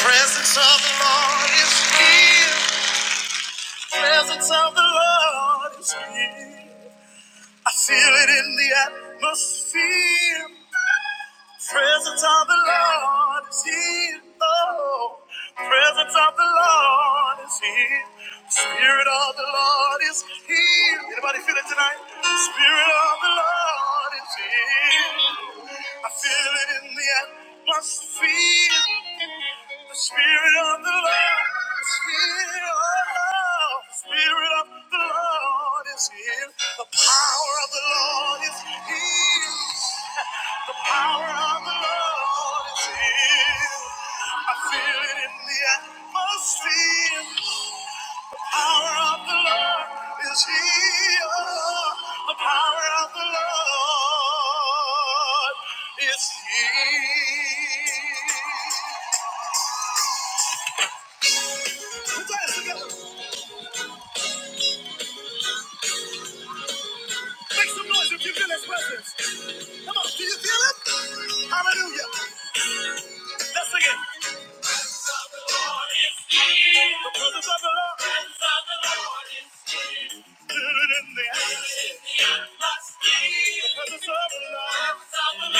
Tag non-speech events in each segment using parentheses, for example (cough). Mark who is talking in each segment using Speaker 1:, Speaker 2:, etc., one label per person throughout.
Speaker 1: Presence of the Lord is here. Presence of the Lord is here. I feel it in the atmosphere. Presence of the Lord is here. Oh, presence of the Lord is here. Spirit of the Lord is here. Anybody feel it tonight? Spirit of the Lord is here. I feel it in the atmosphere. The Spirit of the Lord is here. The Spirit of the Lord is here. The power of the Lord is here. The power of the Lord is here. I feel it in the atmosphere. The power of the Lord is here. The power of the Lord is here. Put your hands together. Make some noise if you feel his presence. Come on, do you feel it? Hallelujah. Let's sing it. The presence of the Lord. Feel it in the atmosphere. The presence of the Lord.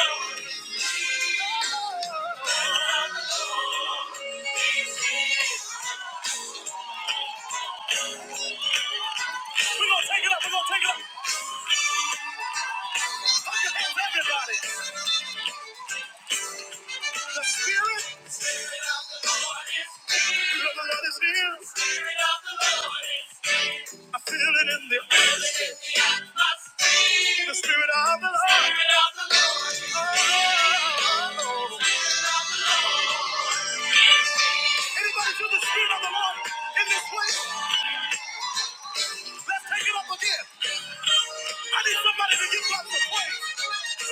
Speaker 1: We're gonna take it up, we're gonna take it up. Clap your hands, everybody. The Spirit The Spirit of the Lord is here. The Lord is here. The Spirit of the Lord is here. I feel it in the feel it in the atmosphere. The Spirit of the Lord. Spirit of the Lord is here. Oh. Anybody feel the Spirit of the Lord in this place? Let's take it up again. I need somebody to give God some praise.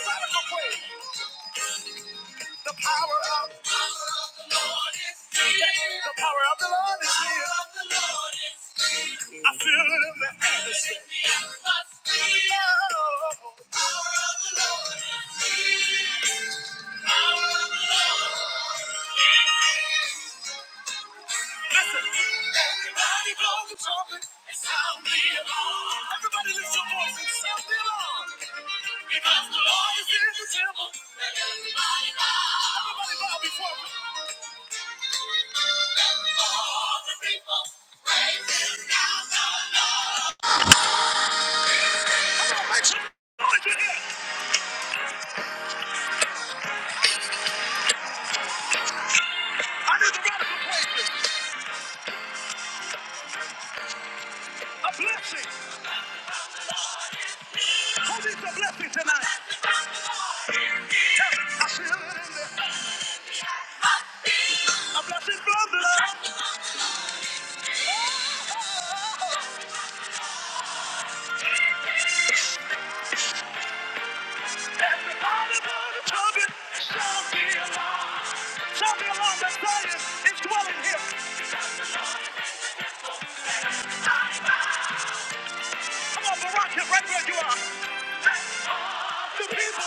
Speaker 1: Radical praise. The power of the Lord is here. The power of the Lord is here. I feel it in the atmosphere. Oh. The power of the Lord is here. power of the Lord is here. Listen, everybody blow the trumpet. Sound the alarm. Everybody lift your voice and sound the alarm. Because the Lord is in the temple. Let everybody bow. Everybody bow before him. Let all the people praise him now the Lord. I need the radical praises. A blessing. Who needs a blessing tonight? I feel it in there. A blessing from the Lord. Tell me. Sound the alarm. Sound the alarm. That's Zion is dwelling here. Come on, Barack, you're right where you are. The people,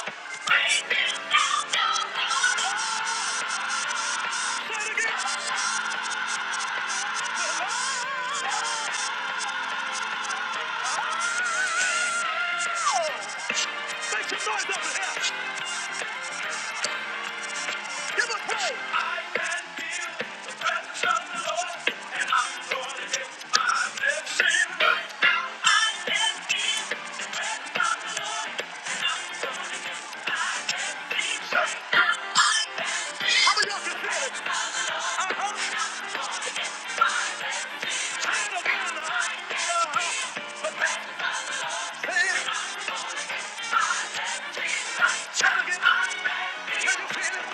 Speaker 1: say it again. Oh, make some noise up in here. Give us praise. How many of y'all can feel it? I hope the past is Say it again. Can you feel it?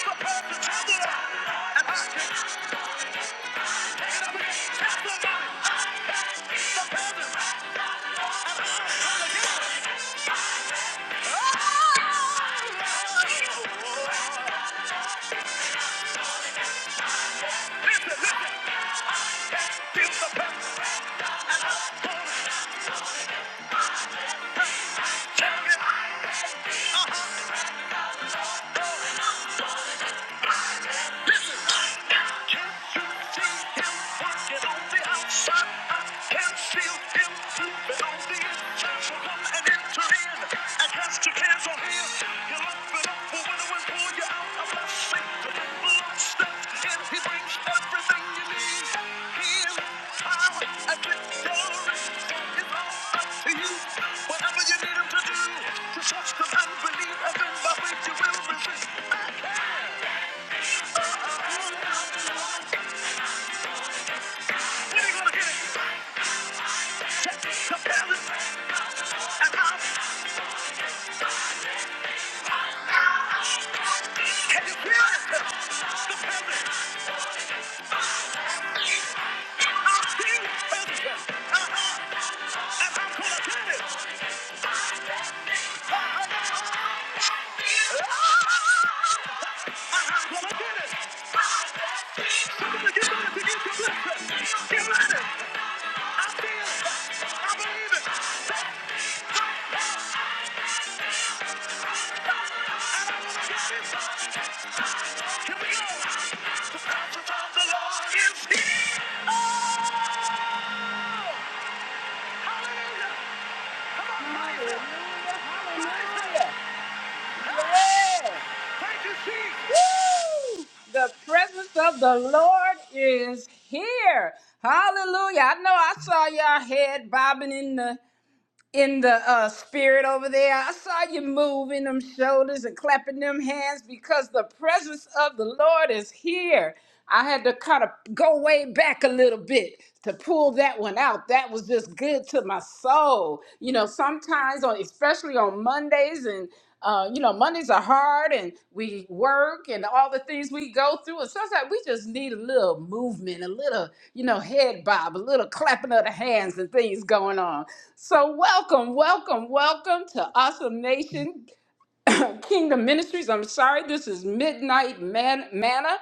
Speaker 1: The past is traveling. And I can take it up again. Testimony. The body. The past is- Listen, listen. Give the past. Say it again. Whatever you need him to do, trust him and believe, and then you will receive. When gonna get it? Hallelujah! Hallelujah! Hallelujah! Thank you, Jesus! The presence of the Lord is here. Hallelujah. I know I saw y'all head bobbing in the in the uh, spirit over there. I saw you moving them shoulders and clapping them hands because the presence of the Lord is here. I had to kind of go way back a little bit to pull that one out. That was just good to my soul. You know, sometimes on especially on Mondays and uh, you know, Mondays are hard and we work and all the things we go through. And sometimes we just need a little movement, a little, you know, head bob, a little clapping of the hands and things going on. So, welcome, welcome, welcome to Awesome Nation (coughs) (clears throat) Kingdom Ministries. I'm sorry, this is Midnight Man- Manna.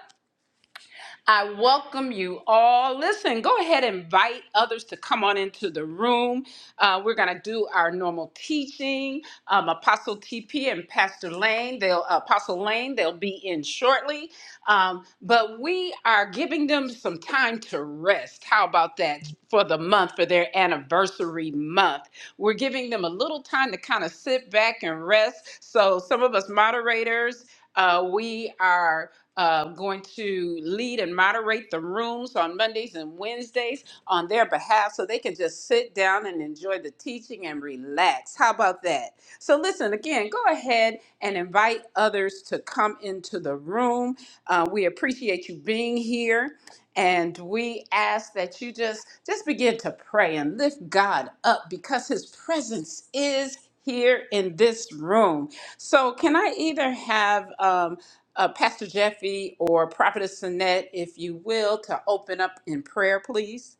Speaker 1: I welcome you all. Listen, go ahead and invite others to come on into the room. Uh, we're going to do our normal teaching. Um, Apostle TP and Pastor Lane, they'll Apostle Lane, they'll be in shortly. Um, but we are giving them some time to rest. How about that for the month, for their anniversary month? We're giving them a little time to kind of sit back and rest. So some of us moderators, uh, we are uh, going to lead and moderate the rooms on Mondays and Wednesdays on their behalf so they can just sit down and enjoy the teaching and relax. How about that? So, listen again, go ahead and invite others to come into the room. Uh, we appreciate you being here. And we ask that you just just begin to pray and lift God up because His presence is here in this room. So, can I either have um, uh, Pastor Jeffy or Prophetess Annette, if you will, to open up in prayer, please?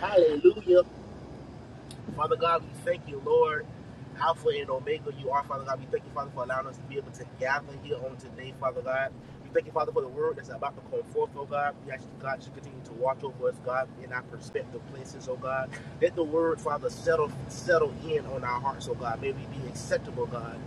Speaker 2: Hallelujah. Father God, we thank you, Lord. Alpha and Omega, you are, Father God. We thank you, Father, for allowing us to be able to gather here on today, Father God. We thank you, Father, for the word that's about to come forth, oh God. We ask you, God, to continue to watch over us, God, in our perspective places, oh God. Let the word, Father, settle settle in on our hearts, oh God. May we be acceptable, God,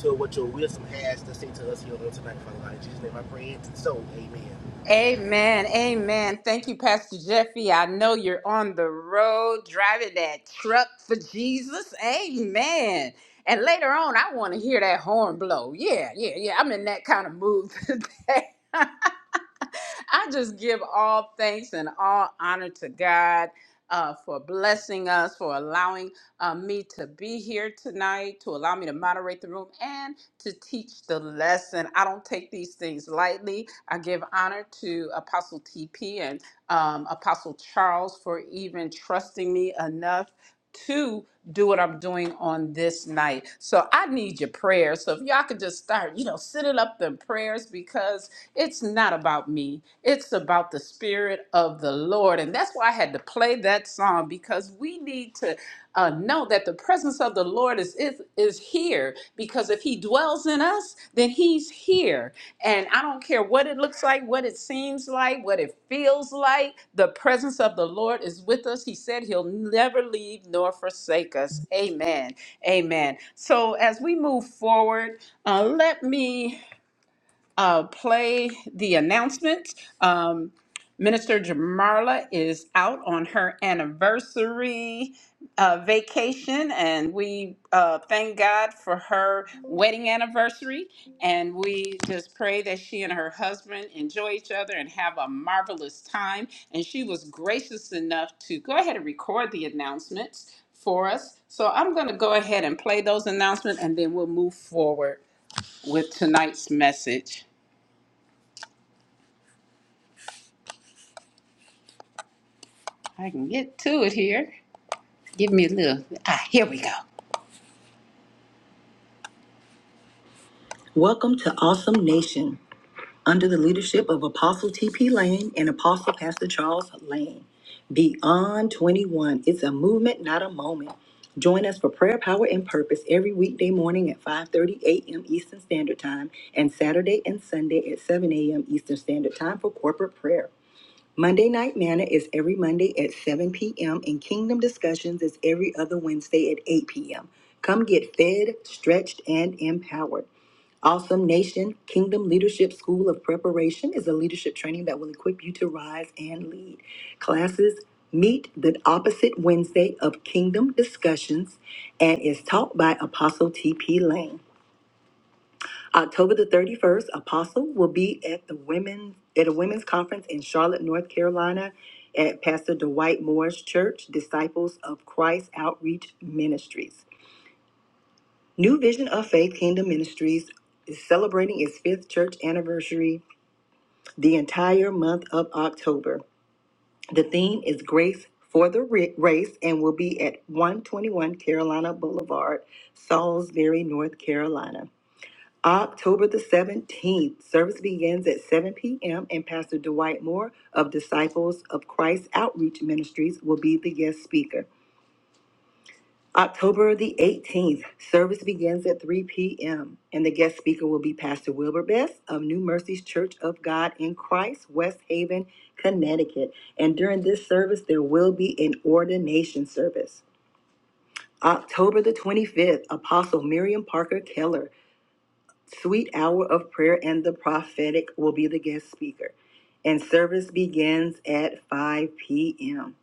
Speaker 2: to what your wisdom has to say to us here on tonight, Father God. In Jesus' name I pray it. So, amen.
Speaker 1: Amen. Amen. Thank you, Pastor Jeffy. I know you're on the road driving that truck for Jesus. Amen. And later on, I want to hear that horn blow. Yeah, yeah, yeah. I'm in that kind of mood (laughs) today. I just give all thanks and all honor to God uh, for blessing us, for allowing uh, me to be here tonight, to allow me to moderate the room. and to teach the lesson. I don't take these things lightly. I give honor to Apostle TP and um, Apostle Charles for even trusting me enough to do what I'm doing on this night. So I need your prayers. So if y'all could just start, you know, sending up them prayers because it's not about me, it's about the Spirit of the Lord. And that's why I had to play that song because we need to uh, know that the presence of the Lord is, is, is here because if He dwells in us, then He's here. And I don't care what it looks like, what it seems like, what it feels like, the presence of the Lord is with us. He said He'll never leave nor forsake us. Amen. Amen. So as we move forward, uh, let me uh, play the announcements. Um, Minister Jamarla is out on her anniversary uh, vacation, and we uh, thank God for her wedding anniversary. And we just pray that she and her husband enjoy each other and have a marvelous time. And she was gracious enough to go ahead and record the announcements for us. So I'm going to go ahead and play those announcements, and then we'll move forward with tonight's message. I can get to it here. Give me a little. Ah, here we go. Welcome to Awesome Nation, under the leadership of Apostle T.P. Lane and Apostle Pastor Charles Lane. Beyond 21, it's a movement, not a moment. Join us for prayer, power, and purpose every weekday morning at 5:30 a.m. Eastern Standard Time and Saturday and Sunday at 7 a.m. Eastern Standard Time for corporate prayer. Monday Night Manna is every Monday at 7 p.m., and Kingdom Discussions is every other Wednesday at 8 p.m. Come get fed, stretched, and empowered. Awesome Nation Kingdom Leadership School of Preparation is a leadership training that will equip you to rise and lead. Classes meet the opposite Wednesday of Kingdom Discussions and is taught by Apostle T.P. Lane. October the 31st, Apostle will be at the women at a women's conference in Charlotte, North Carolina at Pastor Dwight Moore's church, Disciples of Christ Outreach Ministries. New Vision of Faith Kingdom Ministries is celebrating its fifth church anniversary the entire month of October. The theme is Grace for the Ra- Race and will be at 121 Carolina Boulevard, Salisbury, North Carolina. October the 17th, service begins at 7 p.m., and Pastor Dwight Moore of Disciples of Christ Outreach Ministries will be the guest speaker. October the 18th, service begins at 3 p.m., and the guest speaker will be Pastor Wilbur Best of New Mercies Church of God in Christ, West Haven, Connecticut. And during this service, there will be an ordination service. October the 25th, Apostle Miriam Parker Keller Sweet Hour of Prayer and the Prophetic will be the guest speaker, and service begins at 5 p.m.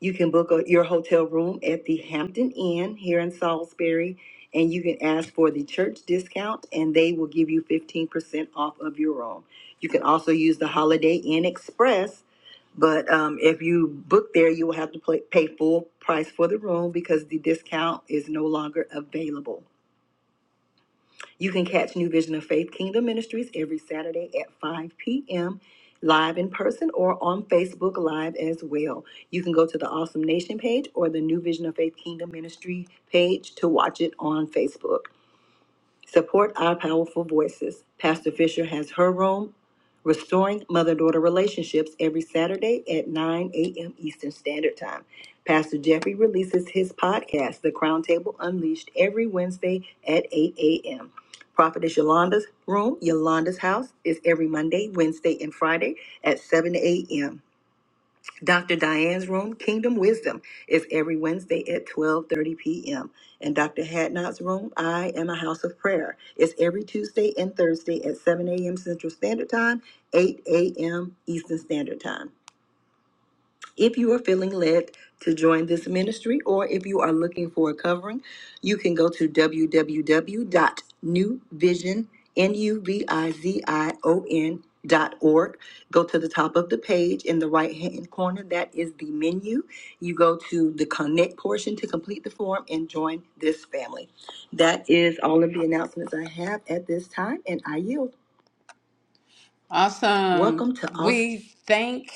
Speaker 1: You can book a, your hotel room at the Hampton Inn here in Salisbury, and you can ask for the church discount, and they will give you 15% off of your room. You can also use the Holiday Inn Express, but um, if you book there, you will have to pay, pay full price for the room because the discount is no longer available. You can catch New Vision of Faith Kingdom Ministries every Saturday at 5 p.m. live in person or on Facebook Live as well. You can go to the Awesome Nation page or the New Vision of Faith Kingdom Ministry page to watch it on Facebook. Support our powerful voices. Pastor Fisher has her room, Restoring Mother Daughter Relationships, every Saturday at 9 a.m. Eastern Standard Time. Pastor Jeffrey releases his podcast, The Crown Table Unleashed, every Wednesday at 8 a.m. Prophetess Yolanda's room, Yolanda's house, is every Monday, Wednesday, and Friday at 7 a.m. Dr. Diane's room, Kingdom Wisdom, is every Wednesday at 12:30 p.m. And Dr. Hadnot's room, I Am a House of Prayer, is every Tuesday and Thursday at 7 a.m. Central Standard Time, 8 a.m. Eastern Standard Time. If you are feeling led to join this ministry or if you are looking for a covering, you can go to www.newvision, N-U-V-I-Z-I-O-N dot new vision n u v i z i o n dot org. Go to the top of the page in the right hand corner. That is the menu. You go to the connect portion to complete the form and join this family. That is all of the announcements I have at this time, and I yield. Awesome. Welcome to all. We thank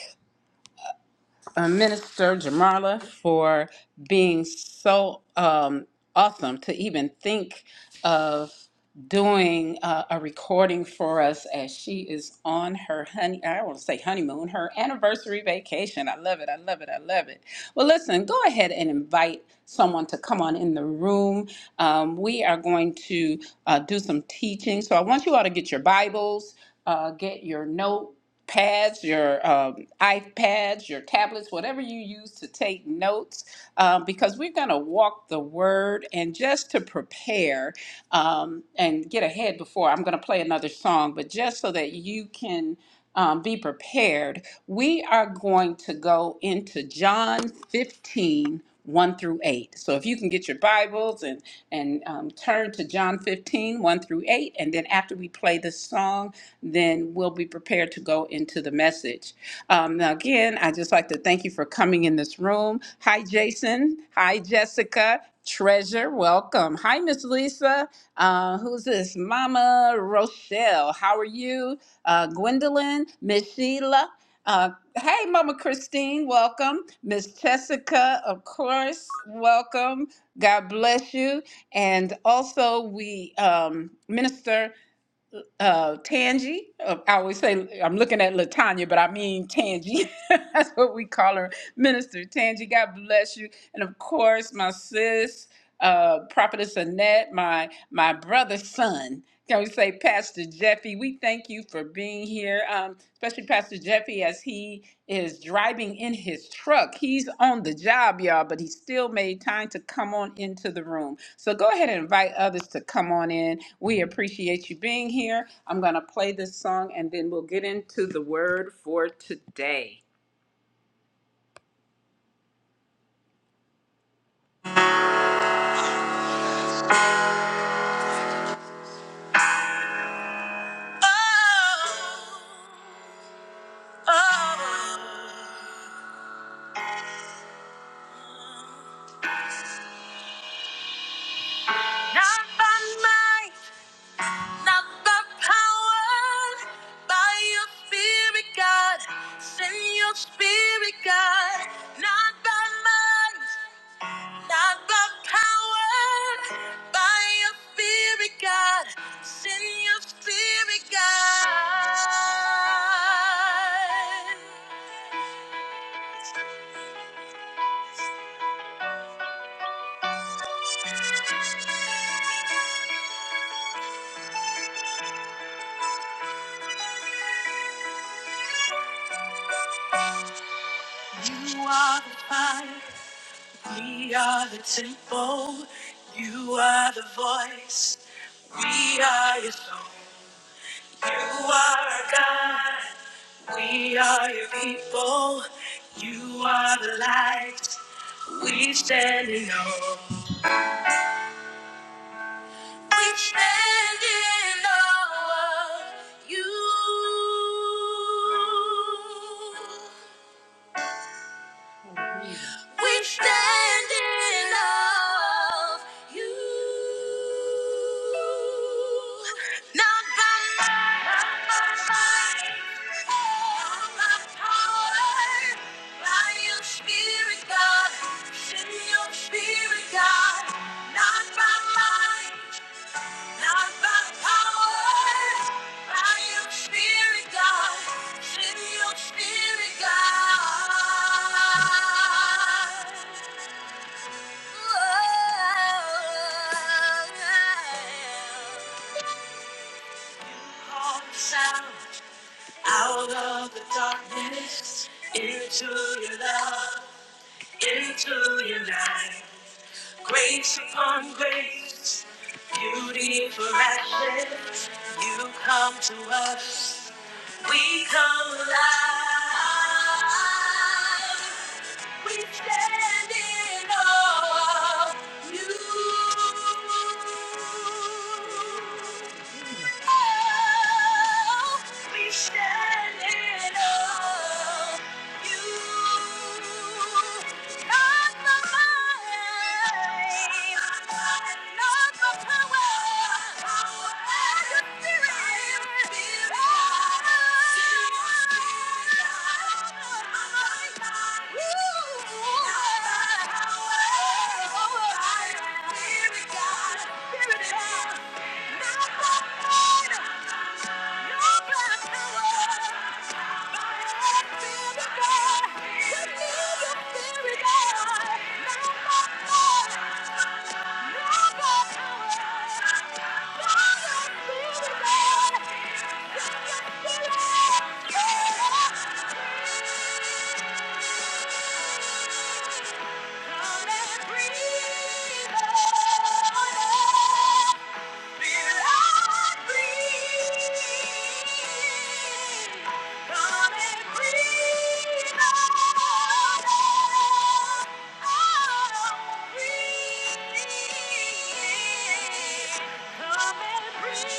Speaker 1: uh, Minister Jamarla for being so um, awesome to even think of doing uh, a recording for us as she is on her honey I want to say honeymoon her anniversary vacation I love it I love it I love it well listen go ahead and invite someone to come on in the room um, we are going to uh, do some teaching so I want you all to get your Bibles uh, get your note pads, your um, iPads, your tablets, whatever you use to take notes, um, because we're going to walk the word. And just to prepare um, and get ahead before, I'm going to play another song, but just so that you can um, be prepared, we are going to go into John fifteen one through 8. So if you can get your Bibles and, and um, turn to John fifteen one through 8, and then after we play this song, then we'll be prepared to go into the message. Um, now, again, I'd just like to thank you for coming in this room. Hi, Jason. Hi, Jessica. Treasure, welcome. Hi, Miss Lisa. Uh, who's this? Mama Rochelle. How are you? uh, Gwendolyn, Miss Sheila. Uh, hey, Mama Christine, welcome. Miss Jessica, of course, welcome. God bless you. And also, we um, minister uh, Tangi. Uh, I always say I'm looking at Latanya, but I mean Tangi. (laughs) That's what we call her, Minister Tangi. God bless you. And of course, my sis, uh, Prophetess Annette, my my brother's son. Can we say, Pastor Jeffy, we thank you for being here, um, especially Pastor Jeffy as he is driving in his truck. He's on the job, y'all, but he still made time to come on into the room. So go ahead and invite others to come on in. We appreciate you being here. I'm going to play this song and then we'll get into the word for today. Oh, oh, not by might Not by power, by your spirit, God. Send your spirit, God. Not by might, not by power, by your spirit, God. Send your spirit, God. Ooh. We stand in awe of you. Not by might, not by might, nor by power, by your spirit, God. Send your spirit, God. Not by might, not by power, by your spirit, God. Send your spirit, God. Out of the darkness, into your love, into your light. Grace upon grace, beauty for ashes. You come to us, we come alive. we stand in awe of you we stand in awe. You, not the might, not the power, but your Spirit, God. Come and breathe on us. Come and breathe. Thank you.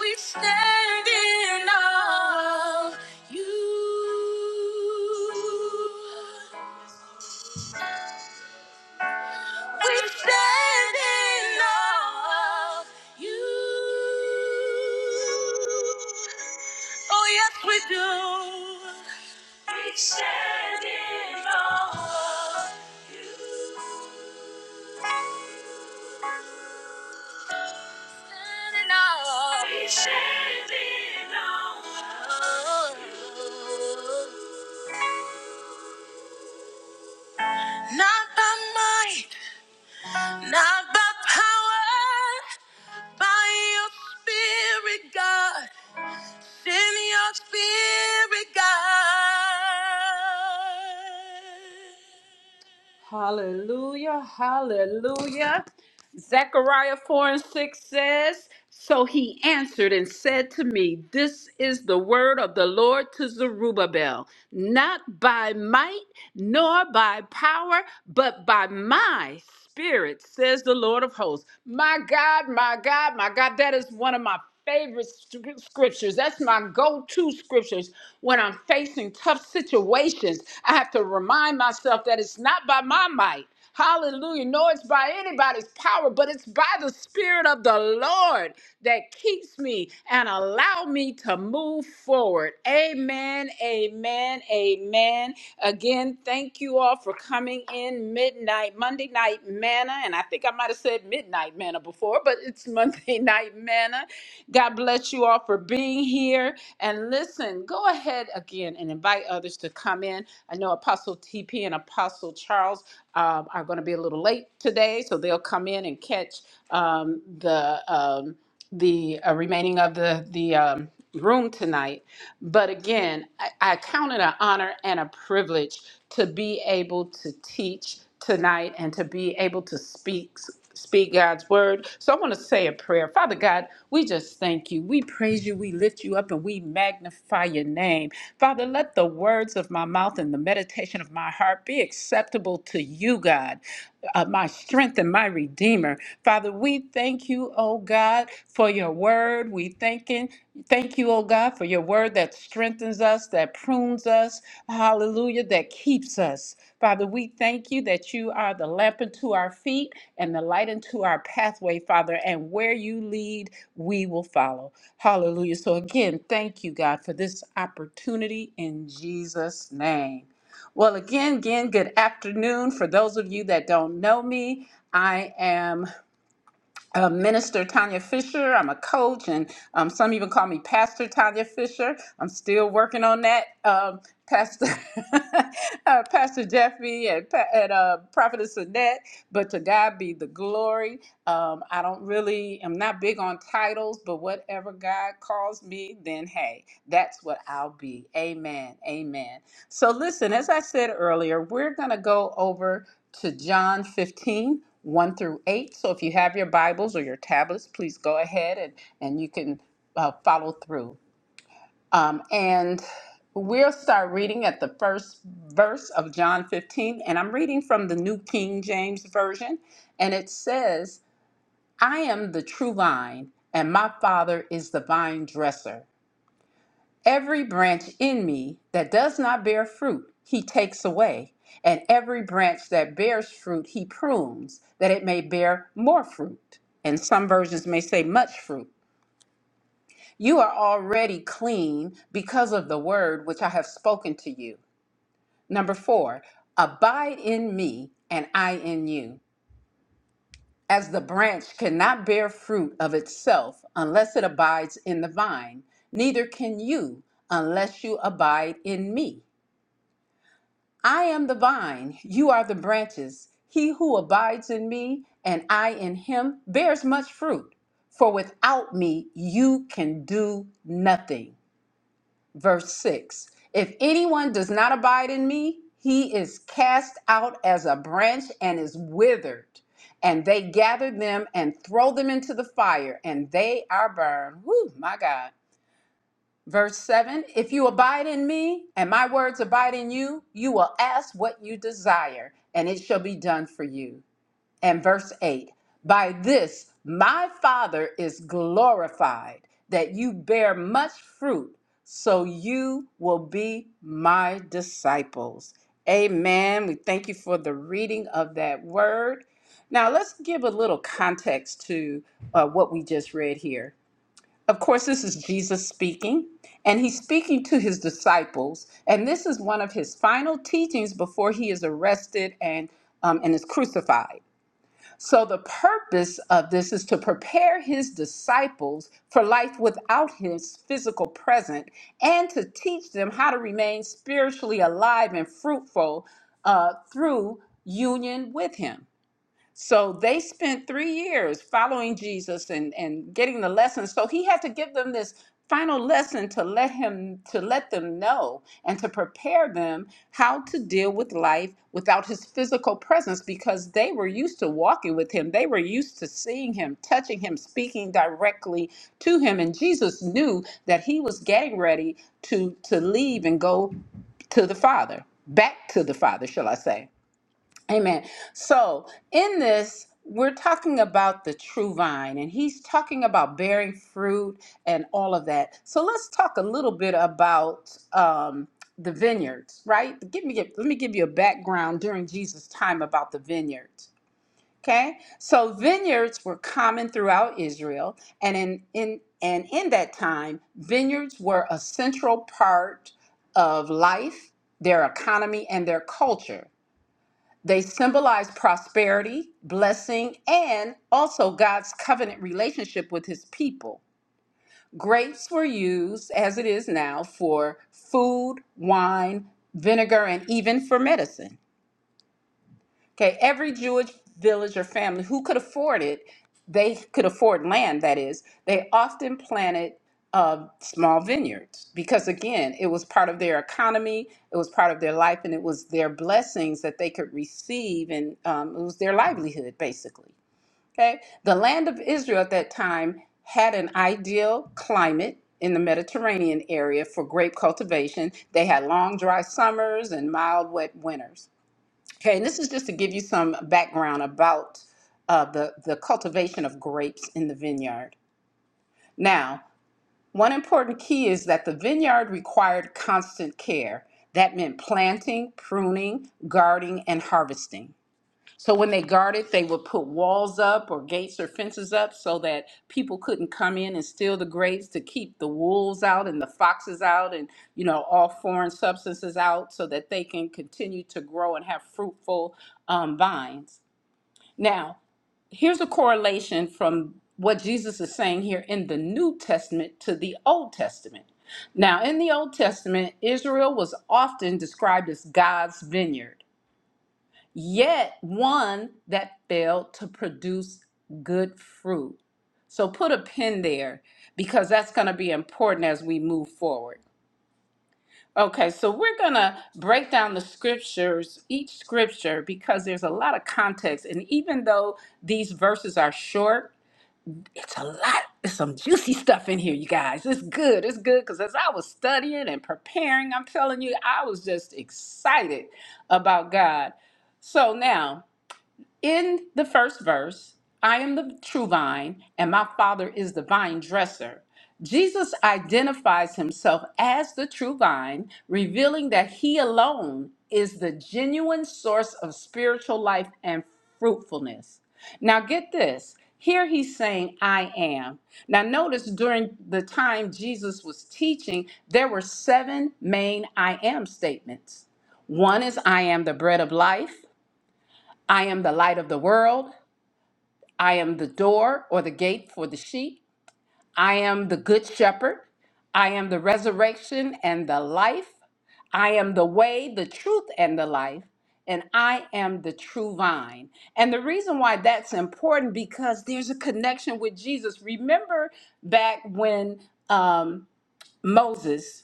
Speaker 1: We stand in awe of you. We stand in awe of you. Oh, yes, we do. We stand in awe. of you. Not by might, not by power, by your spirit, God. Send your spirit, God. Hallelujah, hallelujah. Zechariah 4 and 6 says, So he answered and said to me, This is the word of the Lord to Zerubbabel, not by might nor by power, but by my spirit, says the Lord of hosts. My God, my God, my God, that is one of my favorite scr- scriptures. That's my go to scriptures when I'm facing tough situations. I have to remind myself that it's not by my might. Hallelujah. No, it's by anybody's power, but it's by the Spirit of the Lord that keeps me and allow me to move forward. Amen. Amen. Amen. Again, thank you all for coming in midnight, Monday night manna. And I think I might have said midnight manna before, but it's Monday (laughs) night manna. God bless you all for being here. And listen, go ahead again and invite others to come in. I know Apostle TP and Apostle Charles um, are going to be a little late today, so they'll come in and catch um, the um, the uh, remaining of the the um, room tonight. But again, I, I count it an honor and a privilege to be able to teach tonight and to be able to speak speak God's word. So I want to say a prayer. Father God, we just thank you. We praise you. We lift you up and we magnify your name. Father, let the words of my mouth and the meditation of my heart be acceptable to you, God uh, my strength and my redeemer. Father, we thank you, oh God, for your word. We thanking, thank you, oh God, for your word that strengthens us, that prunes us, hallelujah, that keeps us. Father, we thank you that you are the lamp unto our feet and the light unto our pathway, Father, and where you lead, we will follow. Hallelujah. So again, thank you, God, for this opportunity in Jesus' name. Well, again, again, good afternoon. For those of you that don't know me, I am uh, Minister Tanya Fisher. I'm a coach, and um, some even call me Pastor Tanya Fisher. I'm still working on that. Um, Pastor (laughs) uh, Pastor Jeffy and, Pa- and uh, Prophetess Annette, but to God be the glory. Um, I don't really, I'm not big on titles, but whatever God calls me, then hey, that's what I'll be. Amen. Amen. So listen, as I said earlier, we're going to go over to John fifteen one through 8. So if you have your Bibles or your tablets, please go ahead and, and you can uh, follow through. Um, and we'll start reading at the first verse of John 15. And I'm reading from the New King James Version. And it says, I am the true vine, and my Father is the vine dresser. Every branch in me that does not bear fruit, he takes away, and every branch that bears fruit, he prunes, that it may bear more fruit. And some versions may say much fruit. You are already clean because of the word which I have spoken to you. Number four, abide in me and I in you. As the branch cannot bear fruit of itself unless it abides in the vine, neither can you unless you abide in me. I am the vine, you are the branches. He who abides in me and I in him bears much fruit, for without me you can do nothing. Verse 6 If anyone does not abide in me, he is cast out as a branch and is withered. And they gather them and throw them into the fire, and they are burned. Whew, my God. Verse 7 If you abide in me and my words abide in you, you will ask what you desire, and it shall be done for you. And verse 8 By this my Father is glorified, that you bear much fruit, so you will be my disciples. Amen. We thank you for the reading of that word. Now, let's give a little context to uh, what we just read here. Of course, this is Jesus speaking, and he's speaking to his disciples. And this is one of his final teachings before he is arrested and, um, and is crucified. So, the purpose of this is to prepare his disciples for life without his physical presence and to teach them how to remain spiritually alive and fruitful uh, through union with him. So they spent three years following Jesus and, and getting the lessons. So he had to give them this final lesson to let him to let them know and to prepare them how to deal with life without his physical presence because they were used to walking with him they were used to seeing him touching him speaking directly to him and Jesus knew that he was getting ready to to leave and go to the father back to the father shall i say Amen. So, in this, we're talking about the true vine, and he's talking about bearing fruit and all of that. So, let's talk a little bit about um, the vineyards, right? Give me, let me give you a background during Jesus' time about the vineyards. Okay, so vineyards were common throughout Israel, and in, in and in that time, vineyards were a central part of life, their economy, and their culture. They symbolize prosperity, blessing, and also God's covenant relationship with his people. Grapes were used, as it is now, for food, wine, vinegar, and even for medicine. Okay, every Jewish village or family who could afford it, they could afford land, that is, they often planted uh, small vineyards because, again, it was part of their economy, it was part of their life, and it was their blessings that they could receive, and um, it was their livelihood, basically. Okay, the land of Israel at that time had an ideal climate. In the Mediterranean area for grape cultivation. They had long, dry summers and mild, wet winters. Okay, and this is just to give you some background about uh, the, the cultivation of grapes in the vineyard. Now, one important key is that the vineyard required constant care. That meant planting, pruning, guarding, and harvesting. So when they guarded, they would put walls up or gates or fences up so that people couldn't come in and steal the grapes to keep the wolves out and the foxes out and you know all foreign substances out so that they can continue to grow and have fruitful um, vines. Now, here's a correlation from what Jesus is saying here in the New Testament to the Old Testament. Now, in the Old Testament, Israel was often described as God's vineyard yet one that failed to produce good fruit. So put a pin there because that's going to be important as we move forward. Okay, so we're going to break down the scriptures, each scripture, because there's a lot of context. And even though these verses are short, it's a lot, it's some juicy stuff in here, you guys. It's good, it's good, because as I was studying and preparing, I'm telling you, I was just excited about God. So now, in the first verse, I am the true vine, and my Father is the vine dresser. Jesus identifies himself as the true vine, revealing that he alone is the genuine source of spiritual life and fruitfulness. Now, get this. Here he's saying, I am. Now, notice during the time Jesus was teaching, there were seven main I am statements. One is, I am the bread of life. I am the light of the world. I am the door or the gate for the sheep. I am the good shepherd. I am the resurrection and the life. I am the way, the truth, and the life. And I am the true vine. And the reason why that's important because there's a connection with Jesus. Remember back when um, Moses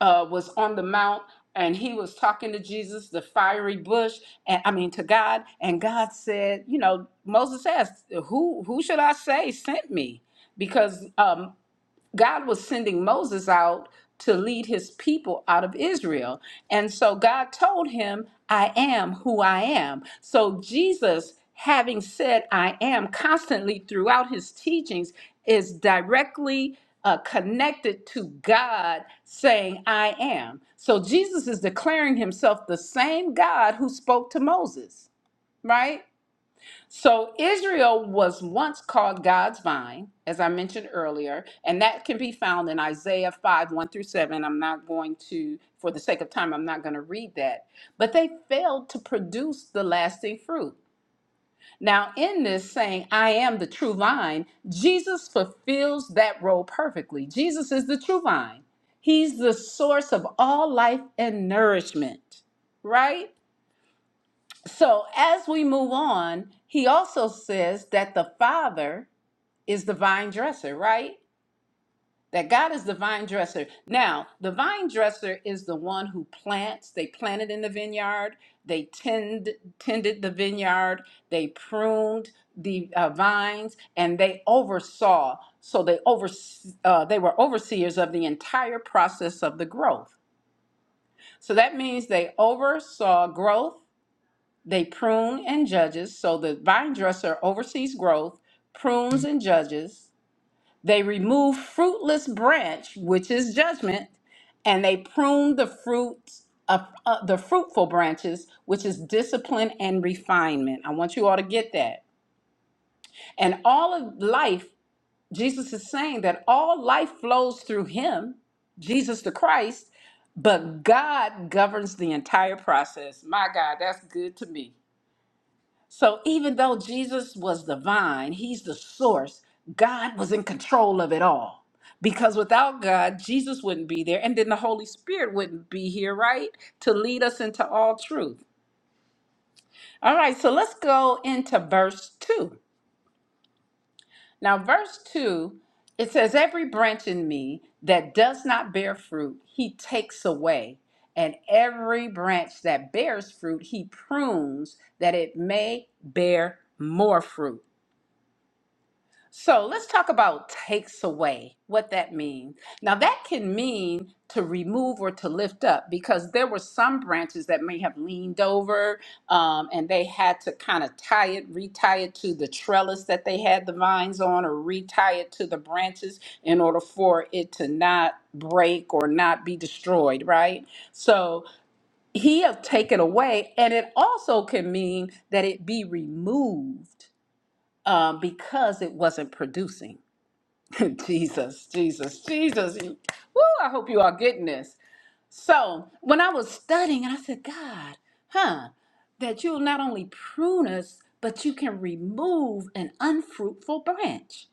Speaker 1: uh, was on the mount and he was talking to Jesus, the fiery bush, and I mean to God, and God said, you know, Moses asked, "Who who should I say sent me?" Because um, God was sending Moses out to lead his people out of Israel. And so God told him, I am who I am. So Jesus, having said, I am constantly throughout his teachings, is directly uh, connected to God saying, I am. So Jesus is declaring himself the same God who spoke to Moses, right? So Israel was once called God's vine, as I mentioned earlier, and that can be found in Isaiah 5 1 through 7. I'm not going to, for the sake of time, I'm not going to read that. But they failed to produce the lasting fruit. Now, in this saying, I am the true vine, Jesus fulfills that role perfectly. Jesus is the true vine, He's the source of all life and nourishment, right? So as we move on, he also says that the Father is the vine dresser, right? That God is the vine dresser. Now, the vine dresser is the one who plants. They planted in the vineyard. They tend, tended the vineyard. They pruned the uh, vines, and they oversaw. So they over, uh, they were overseers of the entire process of the growth. So that means they oversaw growth they prune and judges, so the vine dresser oversees growth, prunes and judges. They remove fruitless branch, which is judgment, and they prune the fruits of uh, the fruitful branches, which is discipline and refinement. I want you all to get that. And all of life, Jesus is saying that all life flows through him, Jesus the Christ, but God governs the entire process. My God, that's good to me. So even though Jesus was the vine, he's the source, God was in control of it all. Because without God, Jesus wouldn't be there, and then the Holy Spirit wouldn't be here, right? To lead us into all truth. All right, so let's go into verse 2. Now, verse 2, it says, Every branch in me that does not bear fruit, he takes away. And every branch that bears fruit, he prunes that it may bear more fruit. So let's talk about takes away, what that means. Now, that can mean to remove or to lift up because there were some branches that may have leaned over um, and they had to kind of tie it, retie it to the trellis that they had the vines on, or retie it to the branches in order for it to not break or not be destroyed, right? So he have taken away, and it also can mean that it be removed um, because it wasn't producing. (laughs) Jesus, Jesus, Jesus. Woo, I hope you are getting this. So, when I was studying, and I said, God, huh, that you'll not only prune us, but you can remove an unfruitful branch.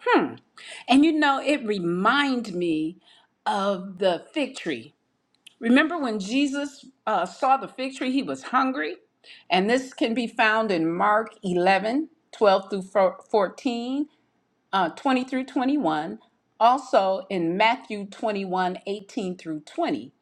Speaker 1: Hmm. And you know, it reminds me of the fig tree. Remember when Jesus uh, saw the fig tree, he was hungry? And this can be found in Mark 11 12 through 14 uh, 20 through 21, also in Matthew 21:18 through 20.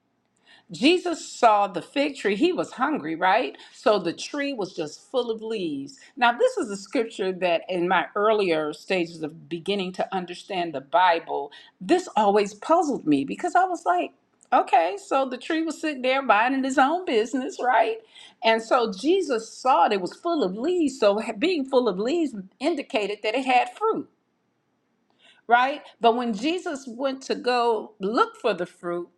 Speaker 1: Jesus saw the fig tree. He was hungry, right? So the tree was just full of leaves. Now, this is a scripture that in my earlier stages of beginning to understand the Bible, this always puzzled me because I was like, okay, so the tree was sitting there minding his own business, right? And so Jesus saw it, it was full of leaves. So being full of leaves indicated that it had fruit right? But when Jesus went to go look for the fruit,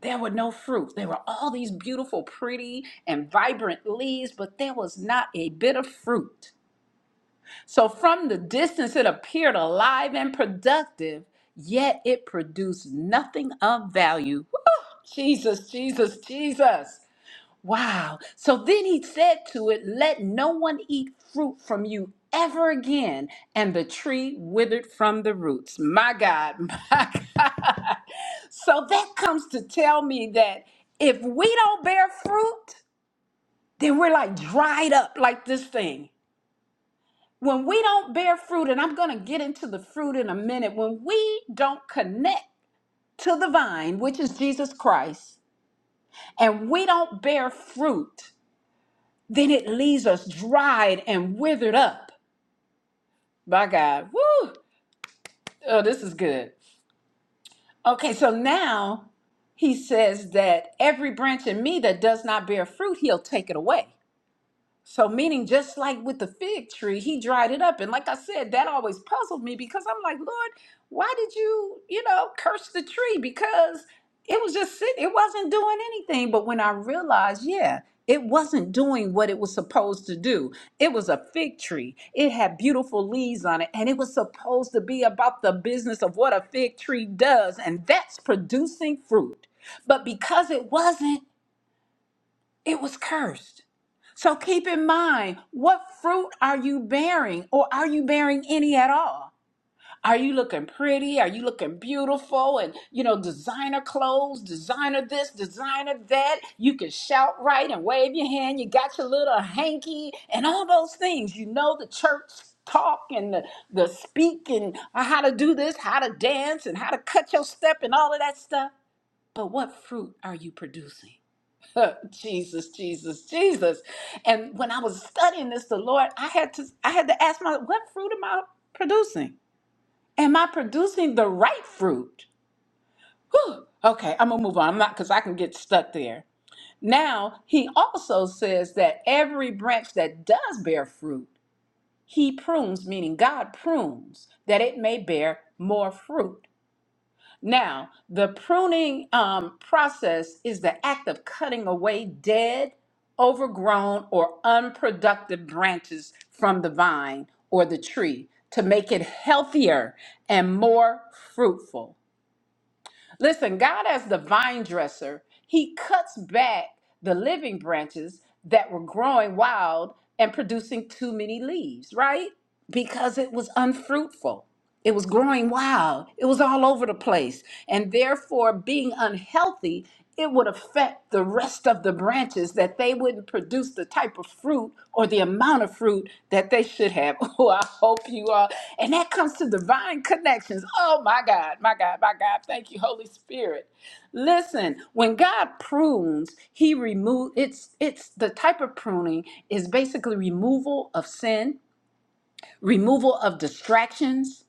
Speaker 1: there were no fruit. There were all these beautiful, pretty, and vibrant leaves, but there was not a bit of fruit. So from the distance, it appeared alive and productive, yet it produced nothing of value. Jesus, Jesus, Jesus. Wow. So then he said to it, Let no one eat fruit from you ever again. And the tree withered from the roots. My God, (laughs) my God. So that comes to tell me that if we don't bear fruit, then we're like dried up like this thing. When we don't bear fruit, and I'm going to get into the fruit in a minute, when we don't connect to the vine, which is Jesus Christ, and we don't bear fruit, then it leaves us dried and withered up. By God, woo! Oh, this is good. Okay, so now he says that every branch in me that does not bear fruit, he'll take it away. So, meaning just like with the fig tree, he dried it up. And like I said, that always puzzled me because I'm like, Lord, why did you, you know, curse the tree? Because it was just sitting, it wasn't doing anything. But when I realized, yeah, it wasn't doing what it was supposed to do. It was a fig tree. It had beautiful leaves on it, and it was supposed to be about the business of what a fig tree does, and that's producing fruit. But because it wasn't, it was cursed. So keep in mind, what fruit are you bearing, or are you bearing any at all? Are you looking pretty? Are you looking beautiful? And, you know, designer clothes, designer this, designer that. You can shout right and wave your hand. You got your little hanky and all those things. You know the church talk and the, the speak and how to do this, how to dance and how to cut your step and all of that stuff. But what fruit are you producing? (laughs) Jesus, Jesus, Jesus. And when I was studying this, the Lord, I had to I had to ask myself, what fruit am I producing? Am I producing the right fruit? Whew. Okay, I'm gonna move on. I'm not because I can get stuck there. Now he also says that every branch that does bear fruit, he prunes, meaning God prunes, that it may bear more fruit. Now, the pruning um, process is the act of cutting away dead, overgrown, or unproductive branches from the vine or the tree to make it healthier and more fruitful. Listen, God, as the vine dresser, He cuts back the living branches that were growing wild and producing too many leaves, right? Because it was unfruitful. It was growing wild. It was all over the place. And therefore, being unhealthy, it would affect the rest of the branches that they wouldn't produce the type of fruit or the amount of fruit that they should have. (laughs) Oh, I hope you are. And that comes to divine connections. Oh, my God, my God, my God. Thank you, Holy Spirit. Listen, when God prunes, He removes it's it's the type of pruning is basically removal of sin, removal of distractions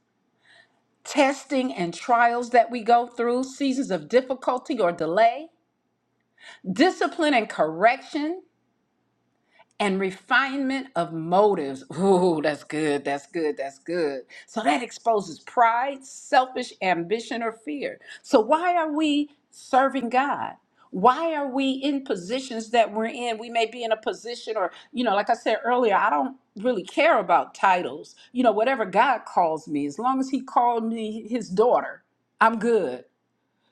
Speaker 1: testing and trials that we go through, seasons of difficulty or delay, discipline and correction, and refinement of motives. Ooh, that's good. That's good. That's good. So that exposes pride, selfish ambition, or fear. So why are we serving God? Why are we in positions that we're in? We may be in a position, or, you know, like I said earlier, I don't really care about titles. You know, whatever God calls me, as long as He called me His daughter, I'm good.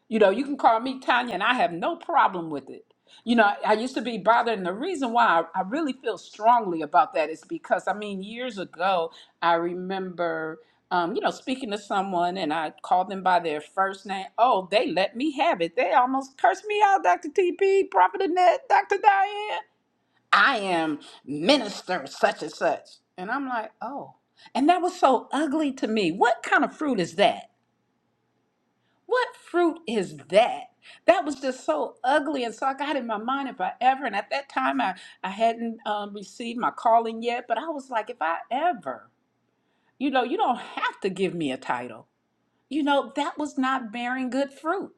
Speaker 1: You know, you can call me Tanya, and I have no problem with it. You know, I used to be bothered, and the reason why I, I really feel strongly about that is because, I mean, years ago, I remember, um, you know, speaking to someone, and I called them by their first name. Oh, they let me have it. They almost cursed me out, Dr. TP, Prophet Annette, Dr. Diane. I am minister such and such. And I'm like, oh. And that was so ugly to me. What kind of fruit is that? What fruit is that? That was just so ugly. And so I got in my mind if I ever, and at that time I, I hadn't um, received my calling yet, but I was like, if I ever, you know, you don't have to give me a title. You know, that was not bearing good fruit,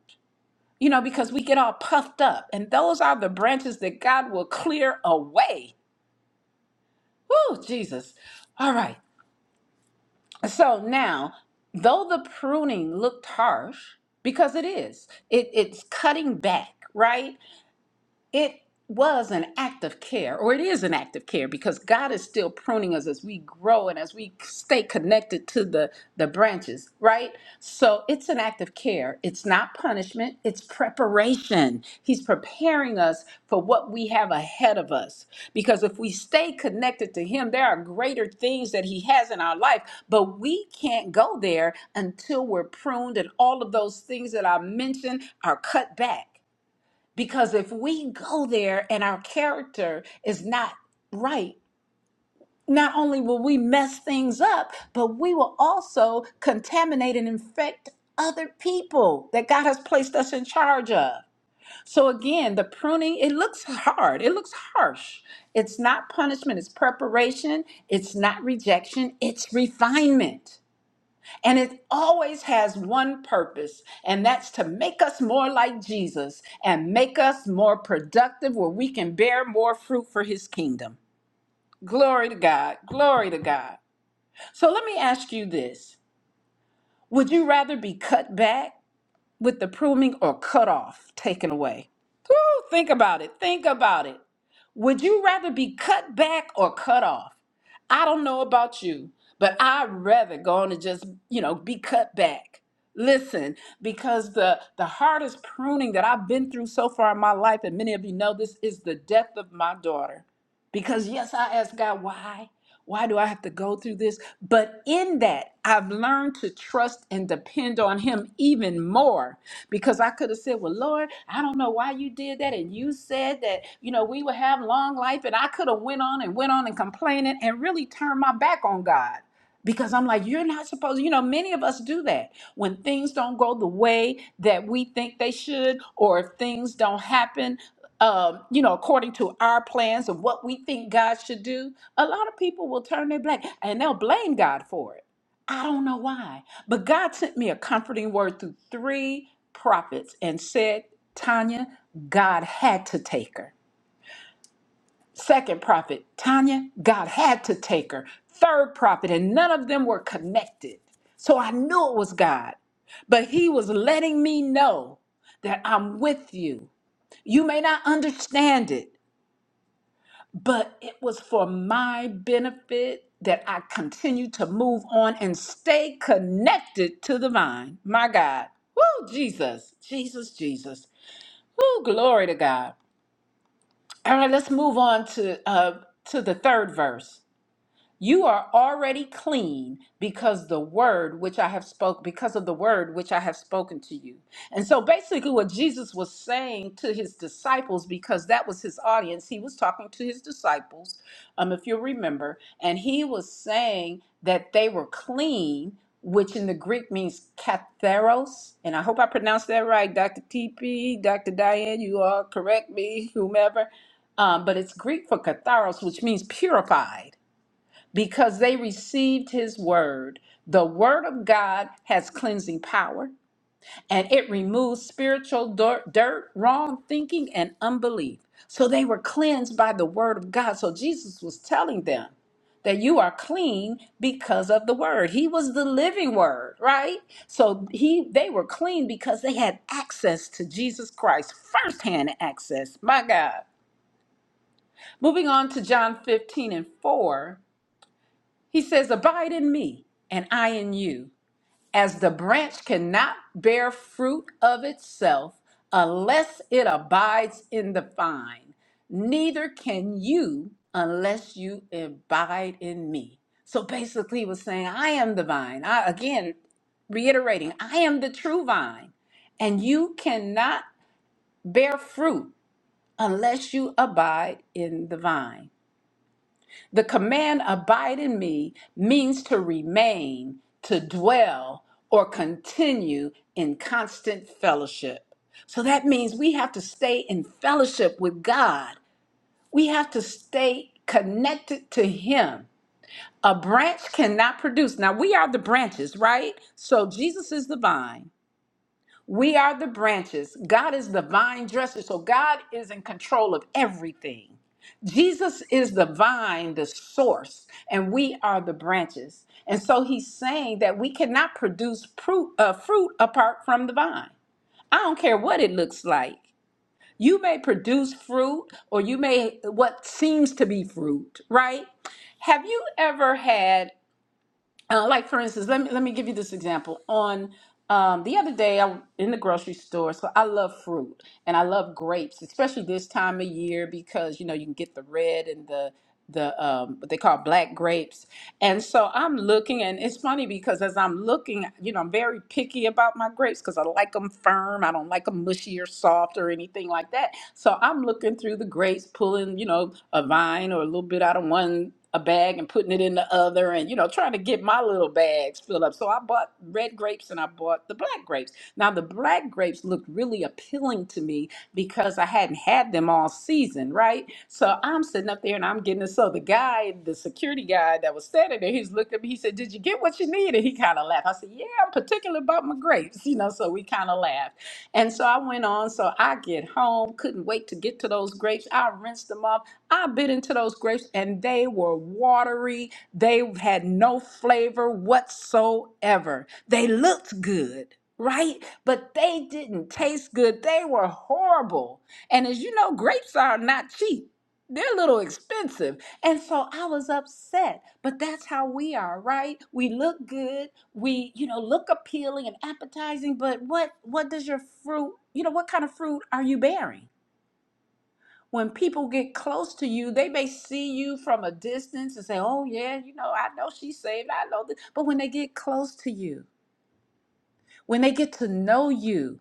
Speaker 1: you know, because we get all puffed up. And those are the branches that God will clear away. Woo, Jesus. All right. So now, though the pruning looked harsh, because it is, it, it's cutting back, right? it was an act of care, or it is an act of care, because God is still pruning us as we grow and as we stay connected to the, the branches, right? So it's an act of care. It's not punishment, it's preparation. He's preparing us for what we have ahead of us. Because if we stay connected to Him, there are greater things that He has in our life, but we can't go there until we're pruned and all of those things that I mentioned are cut back. Because if we go there and our character is not right, not only will we mess things up, but we will also contaminate and infect other people that God has placed us in charge of. So again, the pruning, it looks hard. It looks harsh. It's not punishment, it's preparation. It's not rejection, it's refinement. And it always has one purpose, and that's to make us more like Jesus and make us more productive where we can bear more fruit for his kingdom. Glory to God. Glory to God. So let me ask you this Would you rather be cut back with the pruning or cut off, taken away? Woo, think about it. Think about it. Would you rather be cut back or cut off? I don't know about you, but I'd rather go on and just, you know, be cut back. Listen, because the the hardest pruning that I've been through so far in my life, and many of you know this, is the death of my daughter. Because yes, I asked God why. Why do I have to go through this? But in that, I've learned to trust and depend on Him even more because I could have said, Well, Lord, I don't know why you did that. And you said that, you know, we would have long life. And I could have went on and went on and complaining and really turned my back on God. Because I'm like, you're not supposed, you know, many of us do that. When things don't go the way that we think they should, or if things don't happen, um, you know, according to our plans and what we think God should do, a lot of people will turn their back and they'll blame God for it I don't know why, but God sent me a comforting word through three prophets and said, Tanya, God had to take her. Second prophet, Tanya, God had to take her. Third prophet, and none of them were connected. So I knew it was God, but He was letting me know that I'm with you. You may not understand it. but it was for my benefit that I continue to move on and stay connected to the vine. My God. Woo, Jesus, Jesus, Jesus. Woo, glory to God. All right, let's move on to uh to the third verse. You are already clean because the word which I have spoke because of the word which I have spoken to you. And so basically what Jesus was saying to his disciples because that was his audience, he was talking to his disciples um if you remember, and he was saying that they were clean which in the Greek means katharos, and I hope I pronounced that right, Dr. TP, Dr. Diane, you all correct me, whomever. Um, but it's Greek for katharos, which means purified because they received his word. The word of God has cleansing power and it removes spiritual dirt, dirt, wrong thinking, and unbelief. So they were cleansed by the word of God. So Jesus was telling them that you are clean because of the word. He was the living word, right? So he they were clean because they had access to Jesus Christ, firsthand access. My God. Moving on to John 15 and 4. He says, Abide in me, and I in you. As the branch cannot bear fruit of itself unless it abides in the vine, neither can you unless you abide in me. So basically, he was saying, I am the vine. I, again, reiterating, I am the true vine, and you cannot bear fruit unless you abide in the vine. The command abide in me means to remain, to dwell, or continue in constant fellowship. So that means we have to stay in fellowship with God. We have to stay connected to Him. A branch cannot produce. Now, we are the branches, right? So Jesus is the vine. We are the branches. God is the vine dresser. So God is in control of everything. Jesus is the vine, the source, and we are the branches. And so he's saying that we cannot produce fruit, uh, fruit apart from the vine. I don't care what it looks like. You may produce fruit or you may what seems to be fruit, right? Have you ever had uh, like for instance, let me let me give you this example. On um, the other day, I was in the grocery store. So I love fruit and I love grapes, especially this time of year because you know you can get the red and the the um, what they call black grapes. And so I'm looking, and it's funny because as I'm looking, you know, I'm very picky about my grapes because I like them firm. I don't like them mushy or soft or anything like that. So I'm looking through the grapes, pulling, you know, a vine or a little bit out of one a bag and putting it in the other and you know trying to get my little bags filled up. So I bought red grapes and I bought the black grapes. Now the black grapes looked really appealing to me because I hadn't had them all season, right? So I'm sitting up there and I'm getting it. So the guy, the security guy that was standing there, he's looking at me. He said, "Did you get what you needed?" He kind of laughed. I said, "Yeah, I'm particular about my grapes," (laughs) you know. So we kind of laughed. And so I went on. So I get home, couldn't wait to get to those grapes. I rinsed them off. I bit into those grapes and they were watery. They had no flavor whatsoever. They looked good, right? But they didn't taste good. They were horrible. And as you know, grapes are not cheap. They're a little expensive. And so I was upset, but that's how we are, right? We look good, we, you know, look appealing and appetizing, but what what does your fruit, you know, what kind of fruit are you bearing? When people get close to you, they may see you from a distance and say, "Oh yeah, you know, I know she's saved. I know this." But when they get close to you, when they get to know you,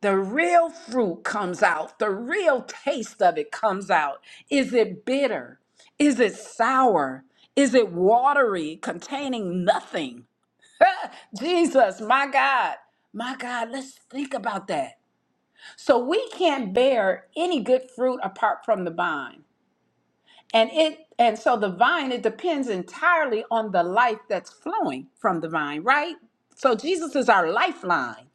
Speaker 1: The real fruit comes out. The real taste of it comes out. Is it bitter? Is it sour? Is it watery, containing nothing? (laughs) Jesus, my God, my God, let's think about that. So we can't bear any good fruit apart from the vine. And it and so the vine it depends entirely on the life that's flowing from the vine, right? So Jesus is our lifeline.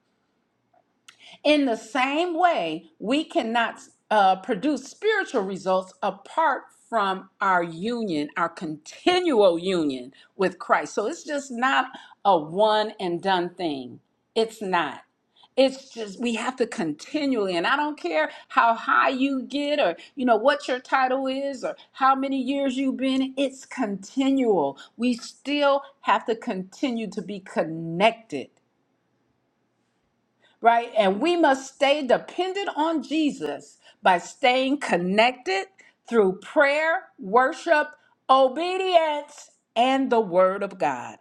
Speaker 1: In the same way, we cannot uh, produce spiritual results apart from our union, our continual union with Christ. So it's just not a one and done thing. It's not. It's just we have to continually, and I don't care how high you get or you know what your title is or how many years you've been, it's continual. We still have to continue to be connected right? And we must stay dependent on Jesus by staying connected through prayer, worship, obedience, and the Word of God.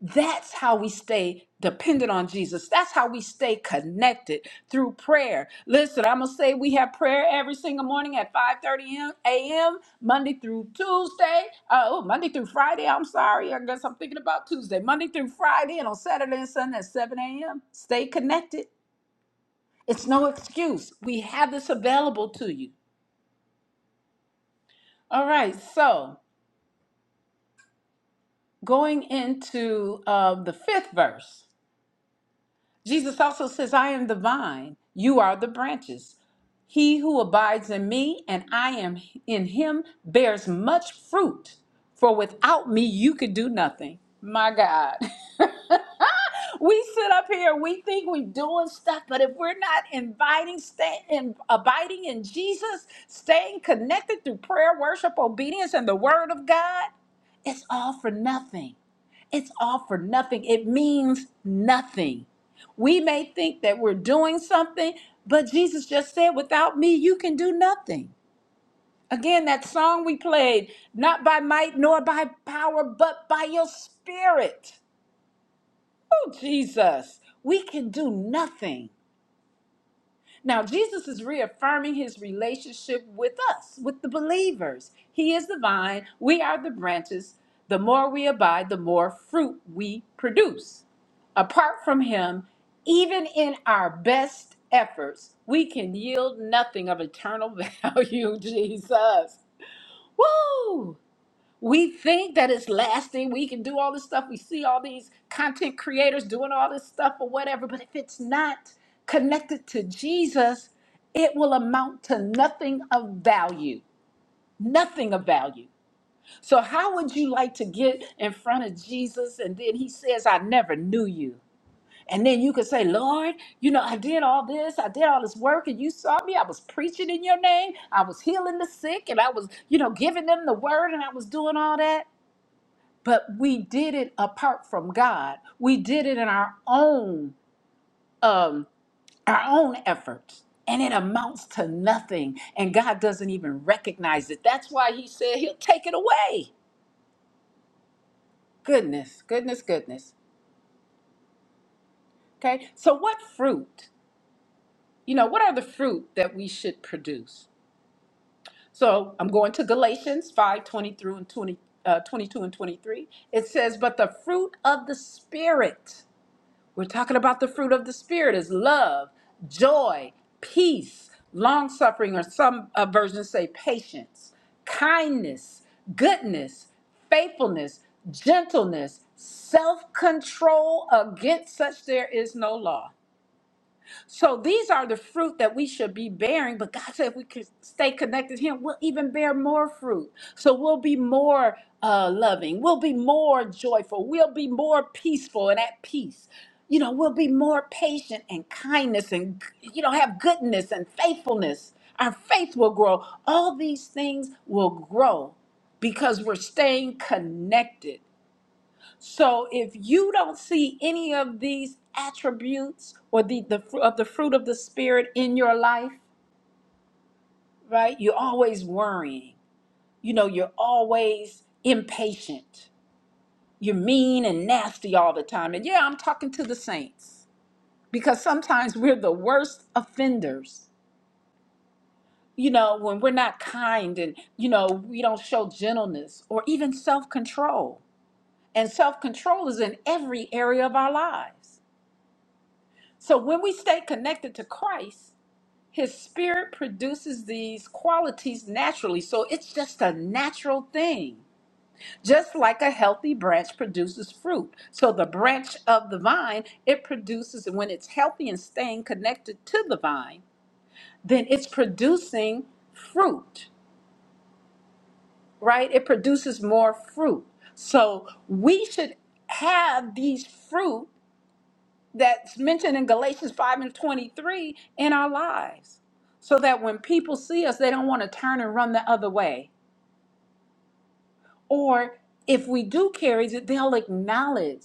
Speaker 1: That's how we stay dependent on Jesus. That's how we stay connected through prayer. Listen, I'm gonna say we have prayer every single morning at 5:30 a.m. Monday through Tuesday. Uh, oh, Monday through Friday. I'm sorry. I guess I'm thinking about Tuesday. Monday through Friday, and on Saturday and Sunday at 7 a.m. Stay connected. It's no excuse. We have this available to you. All right, so going into uh, the fifth verse. Jesus also says, I am the vine, you are the branches. He who abides in me and I am in him bears much fruit, for without me you could do nothing. My God. (laughs) we sit up here, we think we're doing stuff, but if we're not inviting, stay, in, abiding in Jesus, staying connected through prayer, worship, obedience, and the word of God, it's all for nothing. It's all for nothing. It means nothing. We may think that we're doing something, but Jesus just said, without me, you can do nothing. Again, that song we played, not by might nor by power, but by your spirit. Oh, Jesus, we can do nothing. Now, Jesus is reaffirming his relationship with us, with the believers. He is the vine, we are the branches. The more we abide, the more fruit we produce. Apart from him, even in our best efforts, we can yield nothing of eternal (laughs) value, Jesus. Woo! We think that it's lasting. We can do all this stuff. We see all these content creators doing all this stuff or whatever. But if it's not connected to Jesus, it will amount to nothing of value. Nothing of value. So, how would you like to get in front of Jesus and then he says, I never knew you? And then you could say, Lord, you know, I did all this, I did all this work, and you saw me. I was preaching in your name, I was healing the sick, and I was, you know, giving them the word, and I was doing all that but we did it apart from God. We did it in our own um, our own efforts, and it amounts to nothing. And God doesn't even recognize it. That's why He said He'll take it away. Goodness, goodness, goodness. Okay. So, what fruit? You know, what are the fruit that we should produce? So, I'm going to Galatians 5 20 through and 20, uh, 22 and 23. It says, But the fruit of the Spirit. We're talking about the fruit of the Spirit is love, joy, peace, long suffering, or some uh, versions say patience, kindness, goodness, faithfulness, gentleness, self control. Against such there is no law. So these are the fruit that we should be bearing. But God said if we could stay connected to Him, we'll even bear more fruit. So we'll be more uh, loving. We'll be more joyful. We'll be more peaceful and at peace. You know, we'll be more patient and kindness and, you know, have goodness and faithfulness. Our faith will grow. All these things will grow because we're staying connected so if you don't see any of these attributes or the, the fr- of the fruit of the spirit in your life, right? You're always worrying. You know, you're always impatient. You're mean and nasty all the time. And yeah, I'm talking to the saints because sometimes we're the worst offenders. You know, when we're not kind and, you know, we don't show gentleness or even self control. And self control is in every area of our lives. So when we stay connected to Christ, his spirit produces these qualities naturally. So it's just a natural thing. Just like a healthy branch produces fruit. So the branch of the vine, it produces when it's healthy and staying connected to the vine, then it's producing fruit, right? It produces more fruit. So we should have these fruit that's mentioned in Galatians 5 and 23 in our lives. So that when people see us, they don't want to turn and run the other way. Or if we do carry it, they'll acknowledge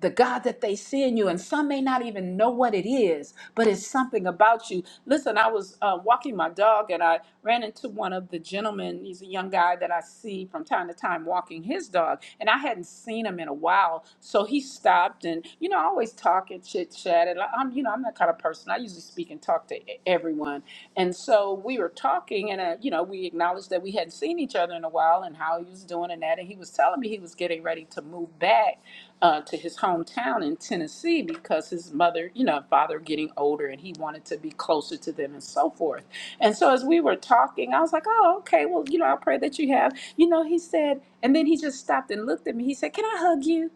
Speaker 1: the God that they see in you, and some may not even know what it is, but it's something about you. Listen, I was uh, walking my dog and I ran into one of the gentlemen. He's a young guy that I see from time to time walking his dog, and I hadn't seen him in a while. So he stopped, and you know, I always talk and chit chat, and I'm, you know, I'm that kind of person. I usually speak and talk to e- everyone, and so we were talking, and uh, you know, we acknowledged that we hadn't seen each other in a while, and how he was doing and that, and he was telling me he was getting ready to move back uh, to his hometown in Tennessee because his mother, you know, father getting older and he wanted to be closer to them and so forth. And so as we were talking, I was like, oh, okay, well, you know, I pray that you have. You know, he said, and then he just stopped and looked at me. He said, can I hug you?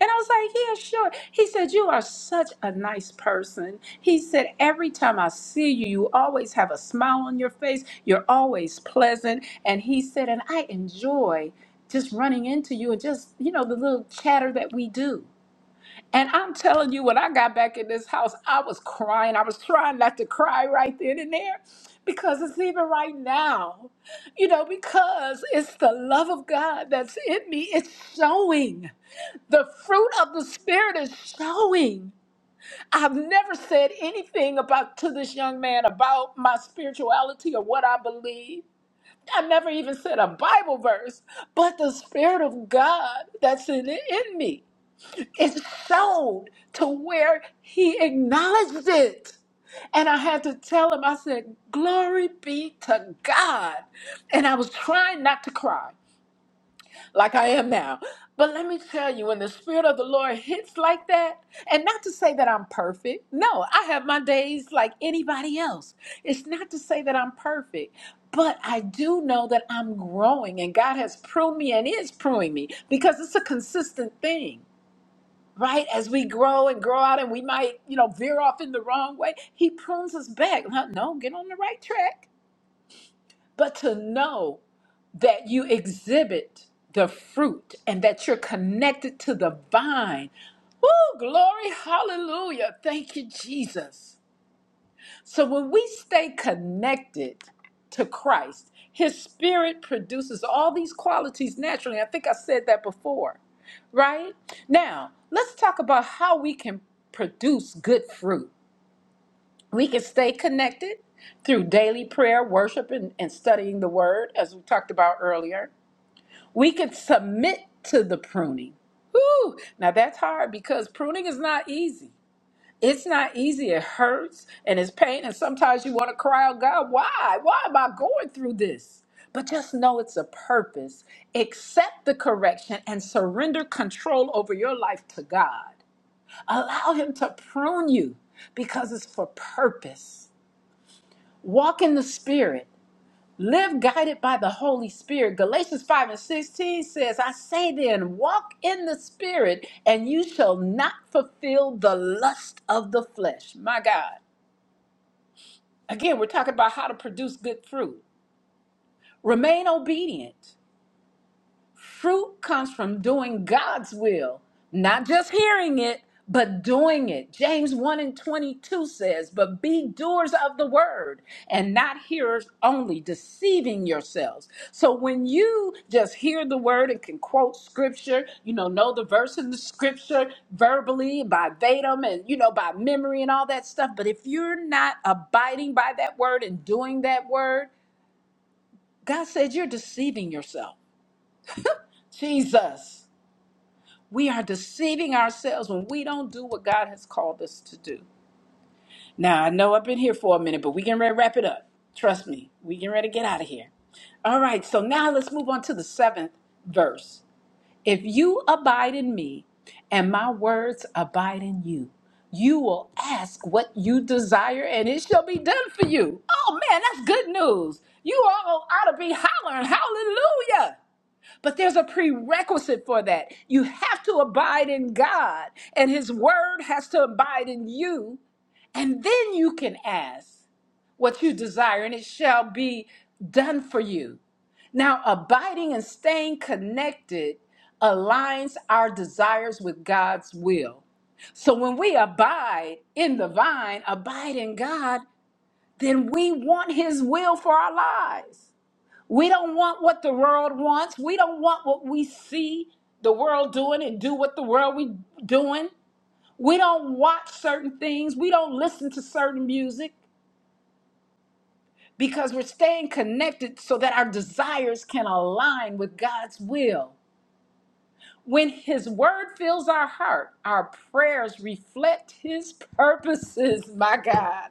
Speaker 1: And I was like, yeah, sure. He said, you are such a nice person. He said, every time I see you, you always have a smile on your face. You're always pleasant. And he said, and I enjoy just running into you and just, you know, the little chatter that we do. And I'm telling you, when I got back in this house, I was crying. I was trying not to cry right then and there because it's even right now, you know, because it's the love of God that's in me. It's showing. The fruit of the Spirit is showing. I've never said anything about to this young man about my spirituality or what I believe. I never even said a Bible verse, but the Spirit of God that's in, in me is shown to where he acknowledged it. And I had to tell him, I said, Glory be to God. And I was trying not to cry like I am now. But let me tell you, when the Spirit of the Lord hits like that, and not to say that I'm perfect, no, I have my days like anybody else. It's not to say that I'm perfect, but I do know that I'm growing, and God has pruned me and is pruning me because it's a consistent thing. Right as we grow and grow out, and we might, you know, veer off in the wrong way, He prunes us back. No, no, get on the right track. But to know that you exhibit the fruit and that you're connected to the vine. Oh, glory, hallelujah. Thank you, Jesus. So when we stay connected to Christ, his spirit produces all these qualities naturally. I think I said that before, right? Now, let's talk about how we can produce good fruit. We can stay connected through daily prayer, worship, and, and studying the word, as we talked about earlier. We can submit to the pruning. Whew. Now that's hard because pruning is not easy. It's not easy. It hurts and it's pain. And sometimes you want to cry out, God, why? Why am I going through this? But just know it's a purpose. Accept the correction and surrender control over your life to God. Allow Him to prune you because it's for purpose. Walk in the Spirit. Live guided by the Holy Spirit. Galatians 5 and 16 says, I say then, walk in the Spirit, and you shall not fulfill the lust of the flesh. My God. Again, we're talking about how to produce good fruit. Remain obedient. Fruit comes from doing God's will, not just hearing it, but doing it. James 1 and 22 says, But be doers of the word and not hearers only, deceiving yourselves. So when you just hear the word and can quote scripture, you know, know the verse in the scripture verbally by Vatum and, you know, by memory and all that stuff. But if you're not abiding by that word and doing that word, God said you're deceiving yourself. Jesus. We are deceiving ourselves when we don't do what God has called us to do. Now, I know I've been here for a minute, but we can ready to wrap it up. Trust me, we can ready to get out of here. All right, so now let's move on to the seventh verse. If you abide in me and my words abide in you, you will ask what you desire and it shall be done for you. Oh man, that's good news. You all ought to be hollering, hallelujah. But there's a prerequisite for that. You have to abide in God, and His Word has to abide in you. And then you can ask what you desire, and it shall be done for you. Now, abiding and staying connected aligns our desires with God's will. So when we abide in the vine, abide in God, then we want His will for our lives. We don't want what the world wants. We don't want what we see the world doing and do what the world we doing. We don't watch certain things. We don't listen to certain music because we're staying connected so that our desires can align with God's will. When his word fills our heart, our prayers reflect his purposes, my God.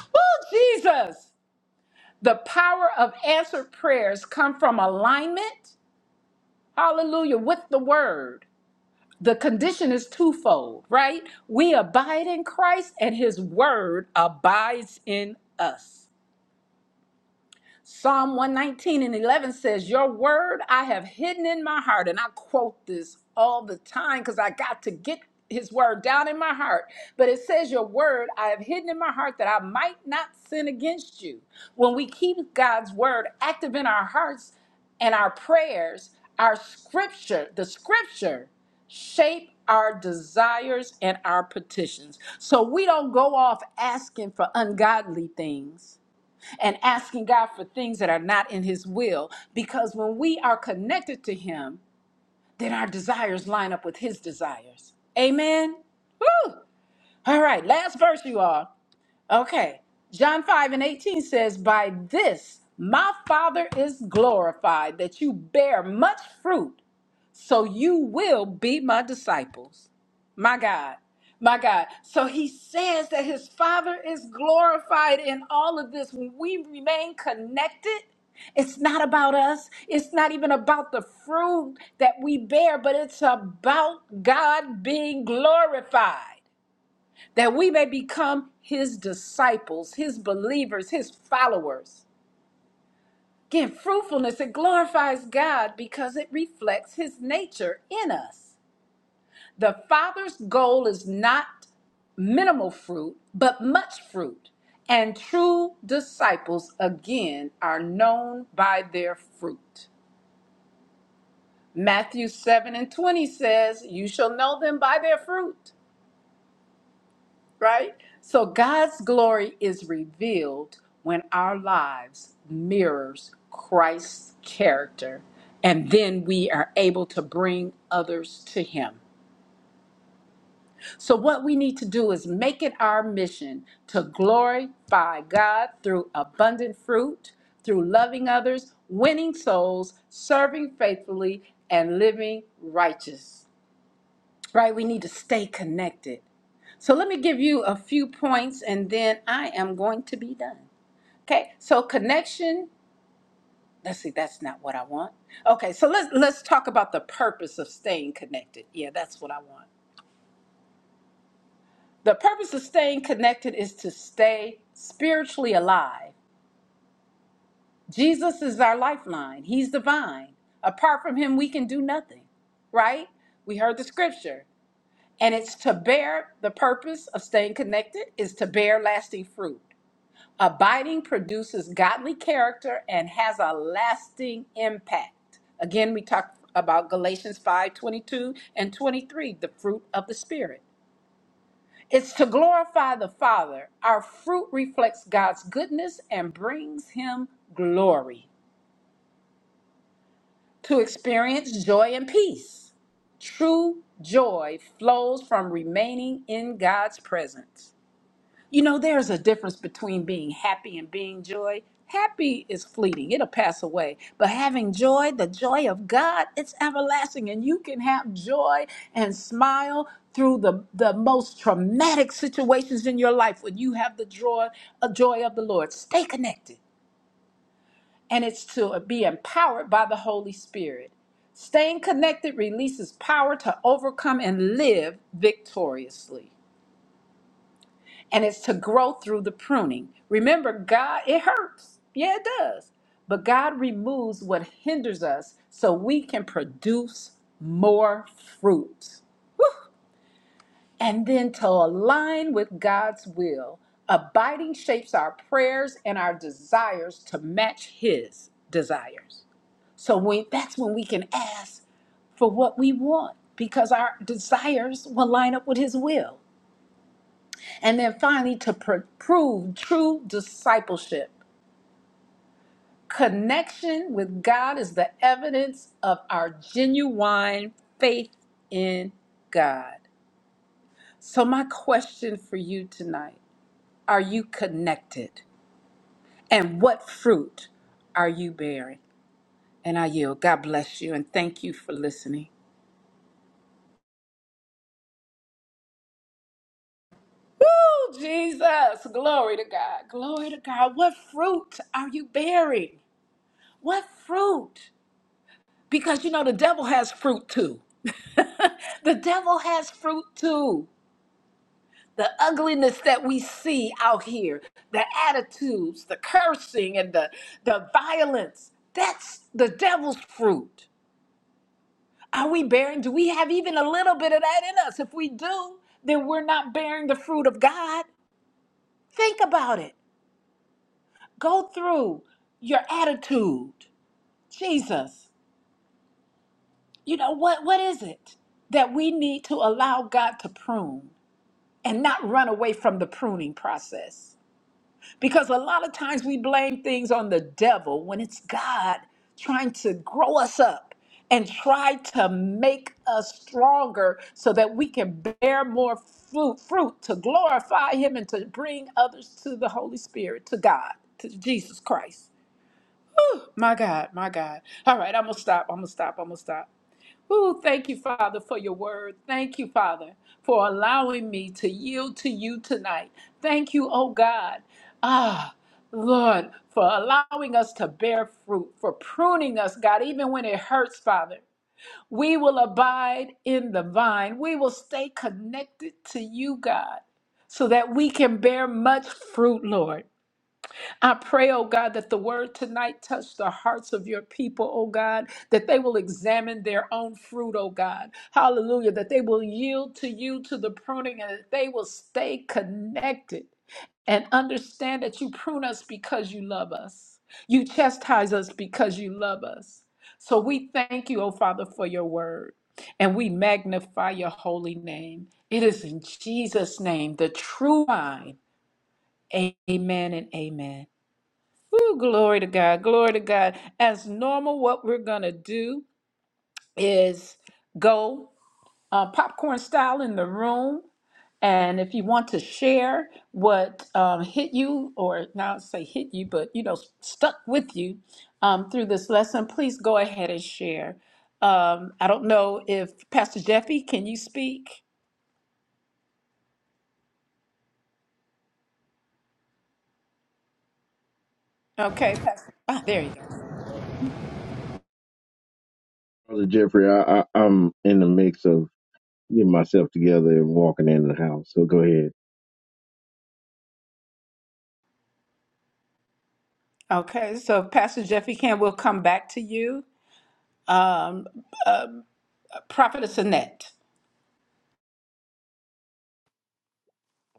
Speaker 1: Oh, Jesus. The power of answered prayers come from alignment, hallelujah, with the word. the condition is twofold, right? We abide in Christ and his word abides in us. Psalm 119 and 11 says, Your word I have hidden in my heart. And I quote this all the time because I got to get his word down in my heart. But it says, Your word I have hidden in my heart that I might not sin against you. When we keep God's word active in our hearts and our prayers, our scripture, the scripture shape our desires and our petitions. So we don't go off asking for ungodly things and asking God for things that are not in His will. Because when we are connected to Him, then our desires line up with His desires. Amen. Woo! All right, last verse, you all. Okay. John 5 and 18 says, By this my Father is glorified, that you bear much fruit, so you will be my disciples. My God. My God. So he says that his Father is glorified in all of this. When we remain connected, it's not about us. It's not even about the fruit that we bear, but it's about God being glorified that we may become his disciples, his believers, his followers. Again, fruitfulness, it glorifies God because it reflects his nature in us. The Father's goal is not minimal fruit, but much fruit. And true disciples, again, are known by their fruit. Matthew 7 and 20 says, You shall know them by their fruit, right? So God's glory is revealed when our lives mirrors Christ's character, and then we are able to bring others to him. So, what we need to do is make it our mission to glorify God through abundant fruit, through loving others, winning souls, serving faithfully, and living righteous. Right? We need to stay connected. So, let me give you a few points and then I am going to be done. Okay? So, connection. Let's see, that's not what I want. Okay, so let's let's talk about the purpose of staying connected. Yeah, that's what I want. The purpose of staying connected is to stay spiritually alive. Jesus is our lifeline, He's the vine. Apart from Him, we can do nothing, right? We heard the scripture. And it's to bear, the purpose of staying connected is to bear lasting fruit. Abiding produces godly character and has a lasting impact. Again, we talked about Galatians 5:22 and 23, the fruit of the Spirit. It's to glorify the Father. Our fruit reflects God's goodness and brings Him glory. To experience joy and peace. True joy flows from remaining in God's presence. You know, there's a difference between being happy and being joy. Happy is fleeting, it'll pass away. But having joy, the joy of God, it's everlasting. And you can have joy and smile through the, the most traumatic situations in your life when you have the joy, uh, joy of the Lord. Stay connected. And it's to be empowered by the Holy Spirit. Staying connected releases power to overcome and live victoriously and it's to grow through the pruning. Remember, God, it hurts. Yeah, it does. But God removes what hinders us so we can produce more fruit. And then to align with God's will, abiding shapes our prayers and our desires to match His desires. So when, that's when we can ask for what we want because our desires will line up with His will. And then finally, to pr- prove true discipleship. Connection with God is the evidence of our genuine faith in God. So, my question for you tonight are you connected? And what fruit are you bearing? And I yield. God bless you and thank you for listening. Woo, Jesus. Glory to God. Glory to God. What fruit are you bearing? What fruit? Because you know, the devil has fruit too. (laughs) the devil has fruit too. The ugliness that we see out here, the attitudes, the cursing, and the, the violence that's the devil's fruit. Are we bearing? Do we have even a little bit of that in us? If we do, then we're not bearing the fruit of God. Think about it. Go through your attitude. Jesus, you know, what, what is it that we need to allow God to prune? and not run away from the pruning process. Because a lot of times we blame things on the devil when it's God trying to grow us up and try to make us stronger so that we can bear more fruit, fruit to glorify Him and to bring others to the Holy Spirit, to God, to Jesus Christ. My God, my God. All right, I'm going to stop. I'm going to stop. I'm going to stop. Oh, thank you, Father, for your word. Thank you, Father, for allowing me to yield to you tonight. Thank you, oh God. Ah, Lord, for allowing us to bear fruit, for pruning us, God, even when it hurts, Father. We will abide in the vine. We will stay connected to you, God, so that we can bear much fruit, Lord. I pray, oh God, that the word tonight touch the hearts of your people, oh God, that they will examine their own fruit, oh God. Hallelujah. That they will yield to you to the pruning and that they will stay connected and understand that you prune us because you love us. You chastise us because you love us. So we thank you, oh Father, for your word and we magnify your holy name. It is in Jesus' name, the true vine. Okay, Pastor
Speaker 3: Brother Jeffrey, I, I, I'm in the mix of getting myself together and walking in the house. So go ahead.
Speaker 1: Sinette.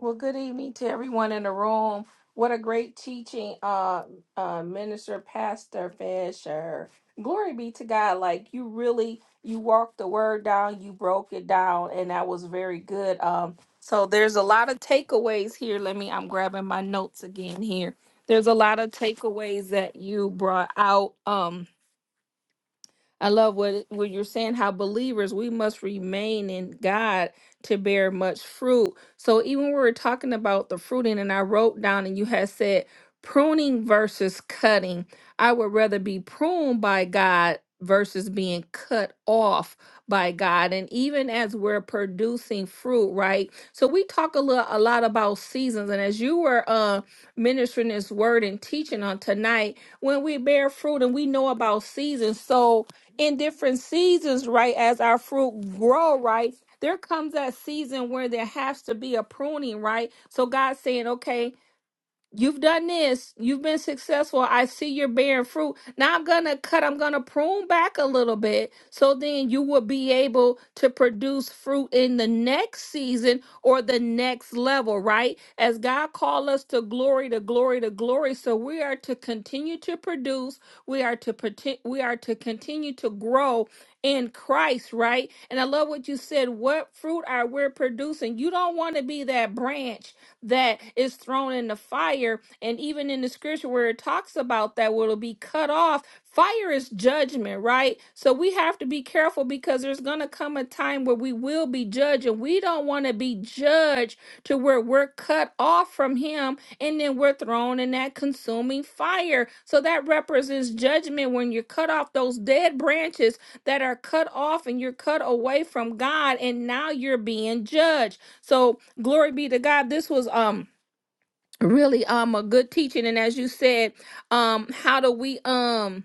Speaker 4: Well, good evening to everyone in the room. What a great teaching, uh, uh, Minister Pastor Fisher. Glory be to God. Like you really, you walked the word down, you broke it down, and that was very good. Um, so there's a lot of takeaways here. Let me, I'm grabbing my notes again here. There's a lot of takeaways that you brought out. Um, I love what what you're saying. How believers we must remain in God to bear much fruit. So even when we're talking about the fruiting, and I wrote down, and you had said pruning versus cutting. I would rather be pruned by God versus being cut off by God. And even as we're producing fruit, right? So we talk a lot, a lot about seasons. And as you were uh, ministering this word and teaching on tonight, when we bear fruit and we know about seasons, so in different seasons, right? As our fruit grow, right? There comes that season where there has to be a pruning, right? So God's saying, okay, You've done this. You've been successful. I see you're bearing fruit. Now I'm going to cut, I'm going to prune back a little bit so then you will be able to produce fruit in the next season or the next level, right? As God called us to glory, to glory, to glory. So we are to continue to produce. We are to pretend, we are to continue to grow in Christ, right? And I love what you said. What fruit are we producing? You don't want to be that branch that is thrown in the fire. And even in the scripture where it talks about that, will be cut off, fire is judgment, right? So we have to be careful because there's going to come a time where we will be judged, and we don't want to be judged to where we're cut off from Him and then we're thrown in that consuming fire. So that represents judgment when you're cut off those dead branches that are cut off and you're cut away from God, and now you're being judged. So glory be to God. This was um really um a good teaching. And as you said, um, how do we um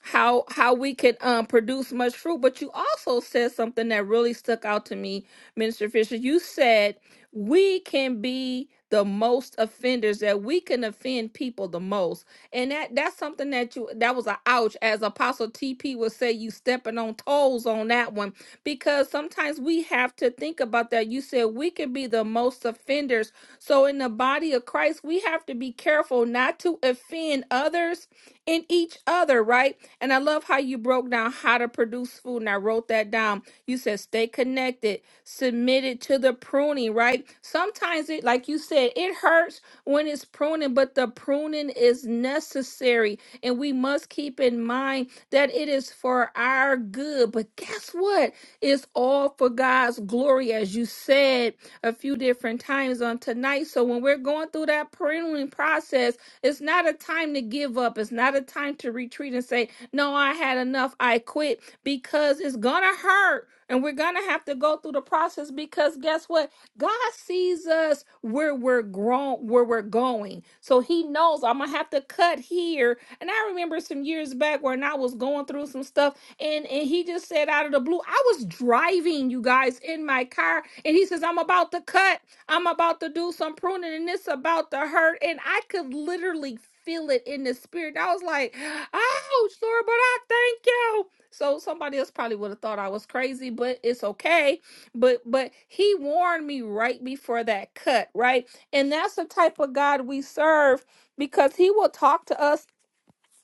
Speaker 4: how how we could um produce much fruit but you also said something that really stuck out to me minister fisher you said we can be the most offenders that we can offend people the most and that that's something that you that was a ouch as apostle tp would say you stepping on toes on that one because sometimes we have to think about that you said we can be the most offenders so in the body of christ we have to be careful not to offend others in each other, right? And I love how you broke down how to produce food, and I wrote that down. You said stay connected, submitted to the pruning, right? Sometimes it, like you said, it hurts when it's pruning, but the pruning is necessary, and we must keep in mind that it is for our good. But guess what? It's all for God's glory, as you said a few different times on tonight. So when we're going through that pruning process, it's not a time to give up. It's not a time to retreat and say, No, I had enough. I quit because it's going to hurt. And we're going to have to go through the process because guess what? God sees us where we're grown, where we're going. So he knows I'm going to have to cut here. And I remember some years back when I was going through some stuff and, and he just said out of the blue, I was driving you guys in my car. And he says, I'm about to cut. I'm about to do some pruning and it's about to hurt. And I could literally feel it in the spirit. I was like, ouch, Lord, but I thank you. So somebody else probably would have thought I was crazy, but it's okay. But but he warned me right before that cut, right? And that's the type of God we serve because he will talk to us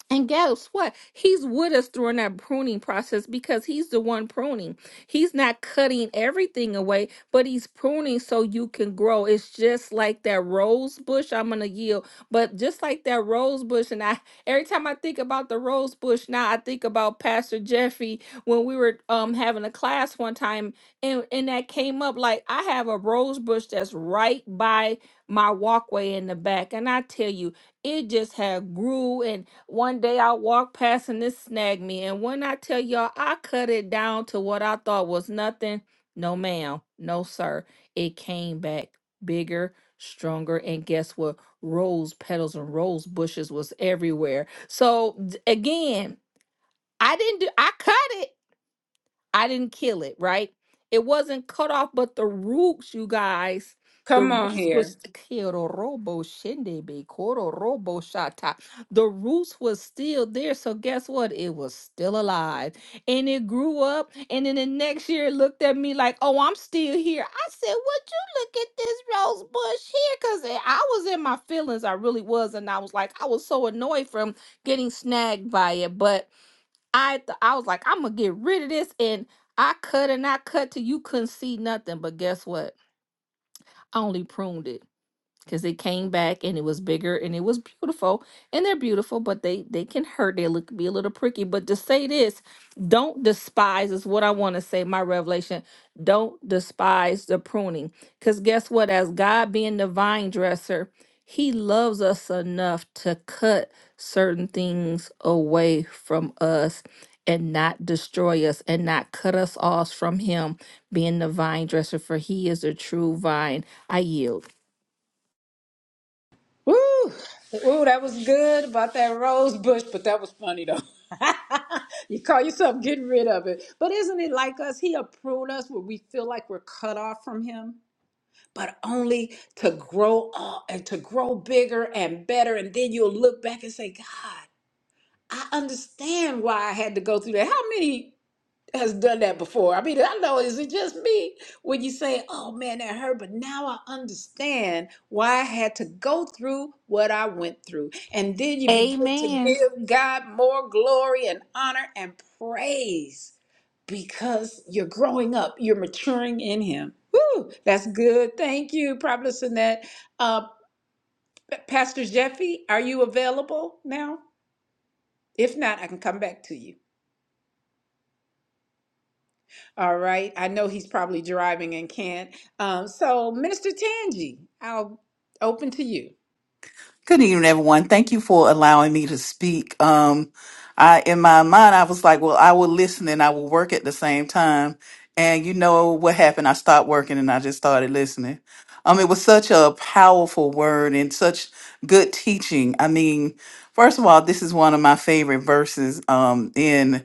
Speaker 4: and guess what? He's with us during that pruning process because he's the one pruning. He's not cutting everything away, but he's pruning so you can grow. It's just like that rose bush. I'm gonna yield, but just like that rose bush, and I every time I think about the rose bush, now I think about Pastor Jeffy when we were um having a class one time, and and that came up like I have a rose bush that's right by my walkway in the back, and I tell you it just had grew and one day i walked past and it snagged me and when i tell y'all i cut it down to what i thought was nothing no ma'am no sir it came back bigger stronger and guess what rose petals and rose bushes was everywhere so d- again i didn't do i cut it I didn't kill it, right? It wasn't cut off, but the roots, you guys, the
Speaker 1: Come on
Speaker 4: roots was
Speaker 1: here.
Speaker 4: Kirorobo shindebe, kororobo shata. The roots was still there. So guess what? It was still alive. And it grew up. And then the next year it looked at me like, oh, I'm still here. I said, Would you look at this rose bush here? Because I was in my feelings. I really was. And I was like, I was so annoyed from getting snagged by it. But I th- I was like, I'm gonna get rid of this, and I cut and I cut till you couldn't see nothing. But guess what? I only pruned it because they came back and it was bigger and it was beautiful and they're beautiful but they they can hurt they look be a little pricky but to say this don't despise is what i want to say my revelation don't despise the pruning because guess what as god being the vine dresser he loves us enough to cut certain things away from us and not destroy us and not cut us off from him being the vine dresser for he is a true vine i yield
Speaker 1: Woo! Ooh, that was good about that rose bush, but that was funny though. (laughs) you call yourself getting rid of it. But isn't it like us? He'll prune us where we feel like we're cut off from him, but only to grow up and to grow bigger and better. And then you'll look back and say, God, I understand why I had to go through that. How many? has done that before. I mean, I know is it just me when you say, "Oh man, that hurt," but now I understand why I had to go through what I went through, and then you begin to
Speaker 4: Amen.
Speaker 1: give God more glory and honor and praise because you're growing up, you're maturing in Him. Woo, that's good. Thank you, Prophet Sinette. Uh, Pastor Jeffy, are you available now? If not, I can come back to you. All right. I know he's probably driving and can't. Um, so, Minister Tangi, I'll open to you.
Speaker 5: Good evening, everyone. Thank you for allowing me to speak. Um, I, in my mind, I was like, well, I will listen and I will work at the same time. And you know what happened? I stopped working and I just started listening. Um, it was such a powerful word and such good teaching. I mean, first of all, this is one of my favorite verses. Um, in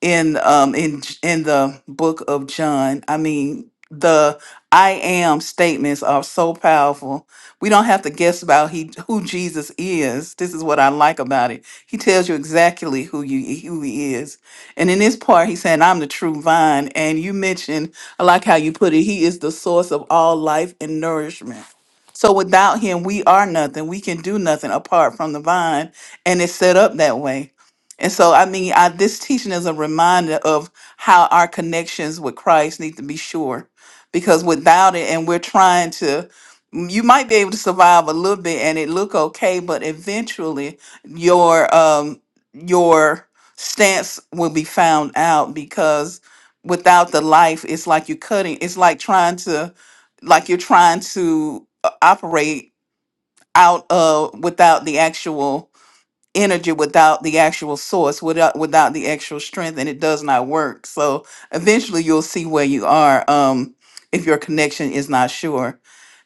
Speaker 5: in um in J- in the book of John. I mean, the I am statements are so powerful. We don't have to guess about he who Jesus is. This is what I like about it. He tells you exactly who you who he is. And in this part, he's saying, I'm the true vine. And you mentioned, I like how you put it, he is the source of all life and nourishment. So without him, we are nothing. We can do nothing apart from the vine. And it's set up that way. And so, I mean, I, this teaching is a reminder of how our connections with Christ need to be sure, because without it, and we're trying to, mm, you might be able to survive a little bit and it look okay, but eventually your um your stance will be found out because without the life, it's like you're cutting. It's like trying to, like you're trying to uh, operate out of without the actual energy without the actual source, without without the actual strength, and it does not work. So eventually, you'll see where you are um, if your connection is not sure.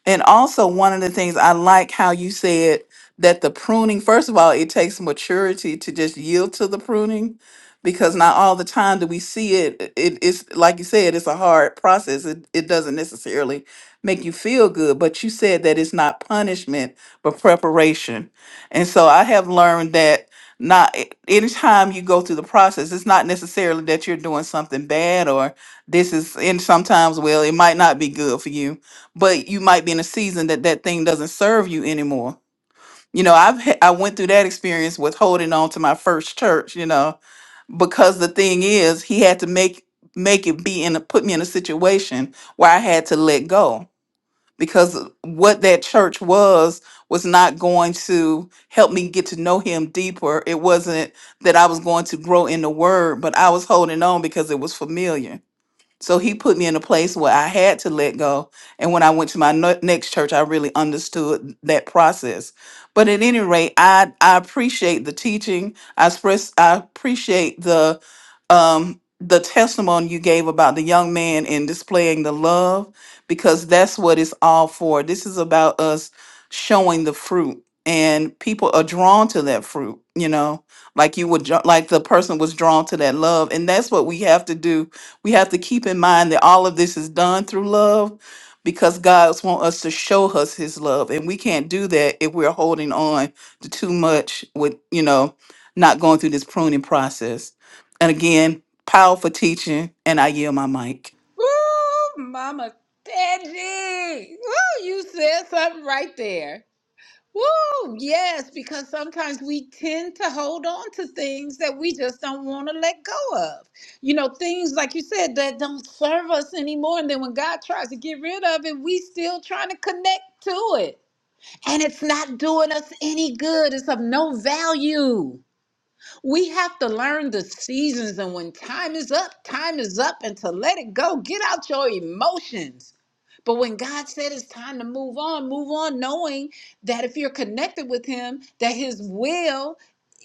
Speaker 5: And also, one of the things I like how you said that the pruning, first of all, it takes maturity to just yield to the pruning because not all the time do we see it. it's like you said, it's a hard process. It, it doesn't necessarily make you feel good, but you said that it's not punishment, but preparation. And so I have learned that not a- anytime you go through the process, it's not necessarily that you're doing something bad or this is, and sometimes, well, it might not be good for you but you might be in a season that that thing doesn't serve you anymore. You know, I've h- I went through that experience with holding on to my first church, you know, because the thing is, he had to make make it be in a, put me in a situation where I had to let go because what that church was was not going to help me get to know him deeper. It wasn't that I was going to grow in the word, but I was holding on because it was familiar so he put me in a place where I had to let go. And when I went to my no- next church, I really understood that process. But at any rate, I I appreciate the teaching. I express I appreciate the um the testimony you gave about the young man and displaying the love because that's what it's all for. This is about us showing the fruit and people are drawn to that fruit, you know, like you would dra- like the person was drawn to that love and that's what we have to do we have to keep in mind that all of this is done through love because God wants us to show us his love. And we can't do that if we're holding on to too much with, you know, not going through this pruning process. And again, powerful teaching, and I yield my mic.
Speaker 1: Woo, Mama Tangi. Woo, you said something right there. Woo, yes, because sometimes we tend to hold on to things that we just don't want to let go of. You know, things like you said that don't serve us anymore. And then when God tries to get rid of it, we still trying to connect to it. And it's not doing us any good. It's of no value. We have to learn the seasons and when time is up, time is up, and to let it go. Get out your emotions. But when God said it's time to move on, move on knowing that if you're connected with Him, that His will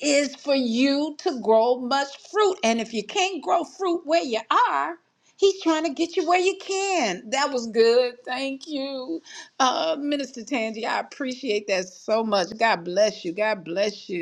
Speaker 1: is for you to grow much fruit. And if you can't grow fruit where you are, He's trying to get you where you can. That was good. Thank you, uh, Minister Tangi. I appreciate that so much. God bless you. God bless you.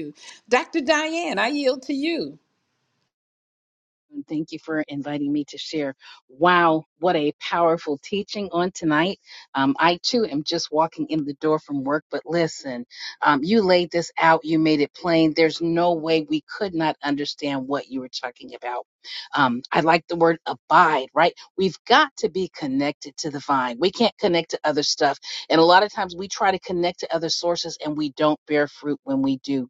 Speaker 6: and Thank you for inviting me to share. Wow, what a powerful teaching on tonight. Um, I too am just walking in the door from work, but listen, um, you laid this out, you made it plain. There's no way we could not understand what you were talking about. Um, I like the word abide, right? We've got to be connected to the vine. We can't connect to other stuff. And a lot of times we try to connect to other sources and we don't bear fruit when we do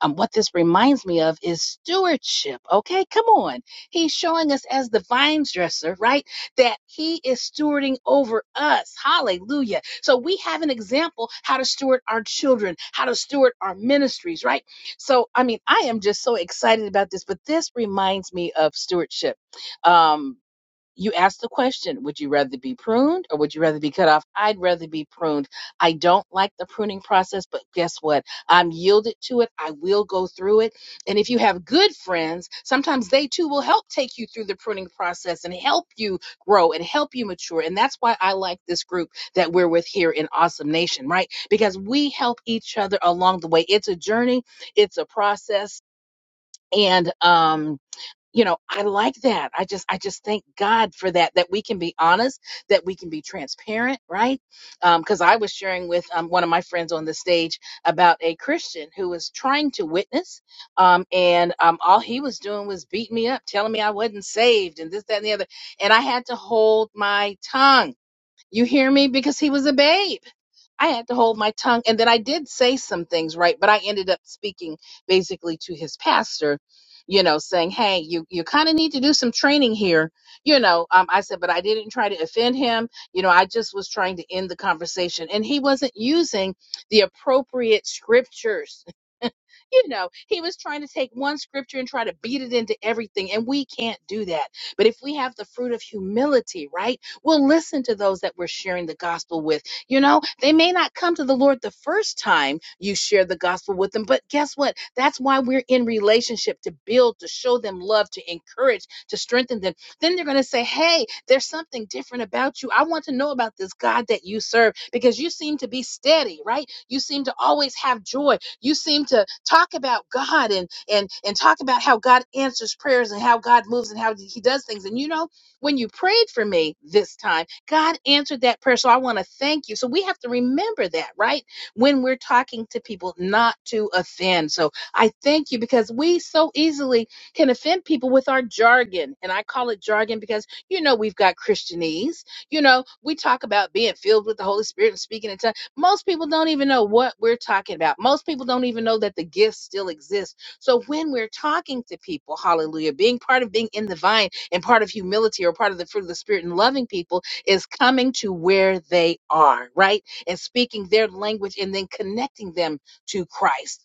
Speaker 6: um, what this reminds me of is stewardship. Okay, come on. He's showing us as the vine dresser, right? That he is stewarding over us. Hallelujah. So we have an example how to steward our children, how to steward our ministries, right? So, I mean, I am just so excited about this, but this reminds me of stewardship. Um, you ask the question would you rather be pruned or would you rather be cut off i'd rather be pruned i don't like the pruning process but guess what i'm yielded to it i will go through it and if you have good friends sometimes they too will help take you through the pruning process and help you grow and help you mature and that's why i like this group that we're with here in awesome nation right because we help each other along the way it's a journey it's a process and um you know i like that i just i just thank god for that that we can be honest that we can be transparent right because i was sharing with um, one of my friends on the stage about a christian who was trying to witness um, and um, all he was doing was beating me up telling me i wasn't saved and this that and the other and i had to hold my tongue you hear me because he was a babe I had to hold my tongue. And then I did say some things, right? But I ended up speaking basically to his pastor, you know, saying, Hey, you, you kind of need to do some training here. You know, um, I said, but I didn't try to offend him. You know, I just was trying to end the conversation. And he wasn't using the appropriate scriptures you know, he was trying to take one scripture and try to beat it into everything. And we can't do that. But if we have the fruit of humility, right, we'll listen to those that we're sharing the gospel with. You know, they may not come to the Lord the first time you share the gospel with them, but guess what? That's why we're in relationship to build, to show them love, to encourage, to strengthen them. Then they're going to say, Hey, there's something different about you. I want to know about this God that you serve because you seem to be steady, right? You seem to always have joy. You seem to talk about God and and and talk about how God answers prayers and how God moves and how He does things. And you know, when you prayed for me this time, God answered that prayer. So I want to thank you. So we have to remember that, right? When we're talking to people, not to offend. So I thank you because we so easily can offend people with our jargon. And I call it jargon because, you know, we've got Christianese. You know, we talk about being filled with the Holy Spirit and speaking in tongues most people don't even know what we're talking about. Most people don't even know that the gifts still exist. So when we're talking to people, hallelujah, being part of being in the vine and part of humility or part of the fruit of the spirit and loving people is coming to where they are, right? And speaking their language and then connecting them to Christ.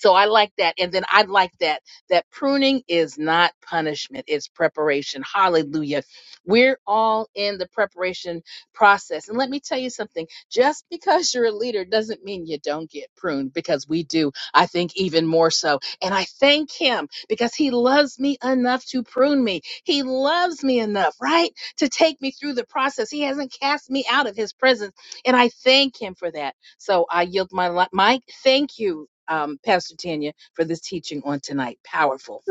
Speaker 6: So I like that. And then I like that that pruning is not punishment, it's preparation. Hallelujah. We're all in the preparation process. And let me tell you something, just because you're a leader doesn't mean you don't get pruned because we do. I think even more so. And I thank him because he loves me enough to prune me. He loves me enough, right? To take me through the process. He hasn't cast me out of his presence, and I thank him for that. So I yield my li- my thank you, um, Pastor Tanya, for this teaching on tonight. Powerful,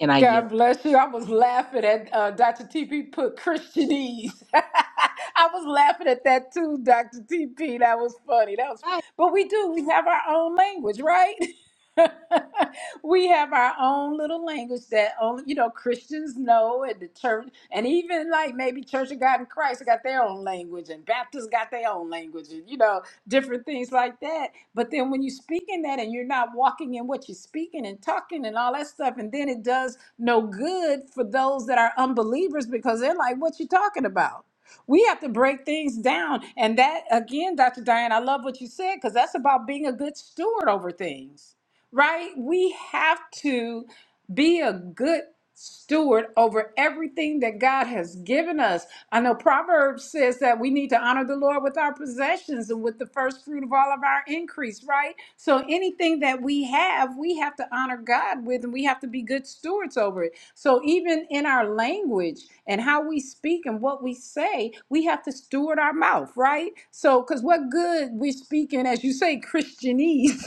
Speaker 6: and I
Speaker 1: God
Speaker 6: yield.
Speaker 1: bless you. I was laughing at uh, Dr. TP put Christianese. (laughs) I was laughing at that too, Dr. TP. That was funny. That was, fu-
Speaker 6: Hi.
Speaker 1: but we do. We have our own language, right? (laughs) we have our own little language that only you know Christians know, and the church, and even like maybe Church of God in Christ got their own language, and Baptists got their own language, and you know different things like that. But then when you speak in that, and you're not walking in what you're speaking and talking and all that stuff, and then it does no good for those that are unbelievers because they're like, what you talking about? We have to break things down. And that, again, Dr. Diane, I love what you said because that's about being a good steward over things, right? We have to be a good steward over everything that God has given us. I know Proverbs says that we need to honor the Lord with our possessions and with the first fruit of all of our increase, right? So anything that we have, we have to honor God with and we have to be good stewards over it. So even in our language and how we speak and what we say, we have to steward our mouth, right? So cuz what good we're speaking as you say Christianese.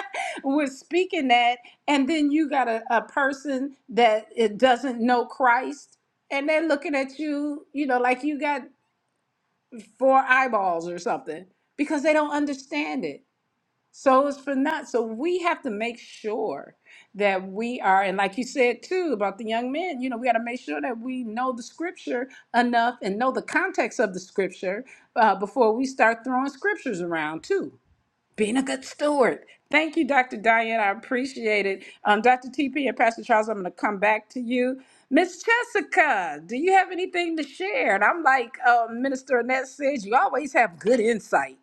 Speaker 1: (laughs) we're speaking that and then you got a, a person that it doesn't know Christ and they're looking at you, you know, like you got four eyeballs or something because they don't understand it. So it's for not. So we have to make sure that we are, and like you said too about the young men, you know, we got to make sure that we know the scripture enough and know the context of the scripture uh, before we start throwing scriptures around too. Being a good steward. Thank you, Dr. Diane. I appreciate it. Um, Dr. TP and Pastor Charles, I'm going to come back to you. Miss Jessica, do you have anything to share? And I'm like uh, Minister Annette says, you always have good insight.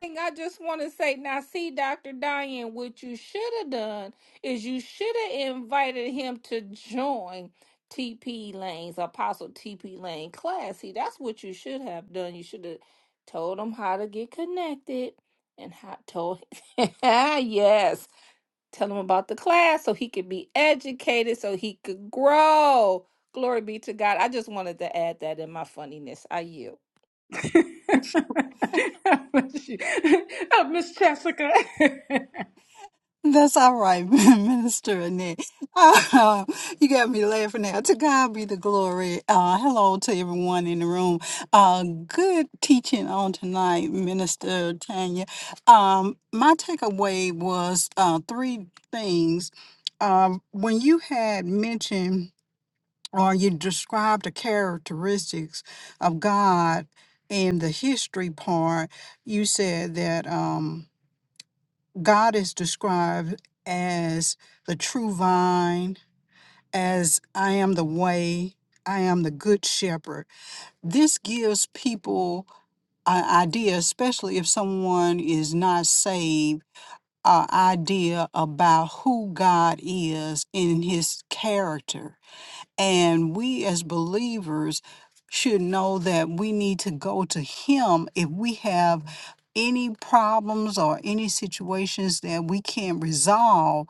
Speaker 4: thing I just want to say now, see, Dr. Diane, what you should have done is you should have invited him to join TP Lane's Apostle TP Lane class. See, that's what you should have done. You should have told him how to get connected and how told (laughs) yes, tell him about the class so he could be educated, so he could grow. Glory be to God. I just wanted to add that in my funniness. I yield.
Speaker 1: (laughs) oh, Miss Jessica. (laughs)
Speaker 7: That's all right, (laughs) Minister Annette. Uh, you got me laughing now. To God be the glory. Uh, hello to everyone in the room. Uh, good teaching on tonight, Minister Tanya. Um, my takeaway was uh, three things. Um, when you had mentioned or you described the characteristics of God in the history part, you said that. Um, God is described as the true vine, as I am the way, I am the good shepherd. This gives people an idea, especially if someone is not saved, an idea about who God is in his character and we as believers should know that we need to go to Him if we have any problems or any situations that we can't resolve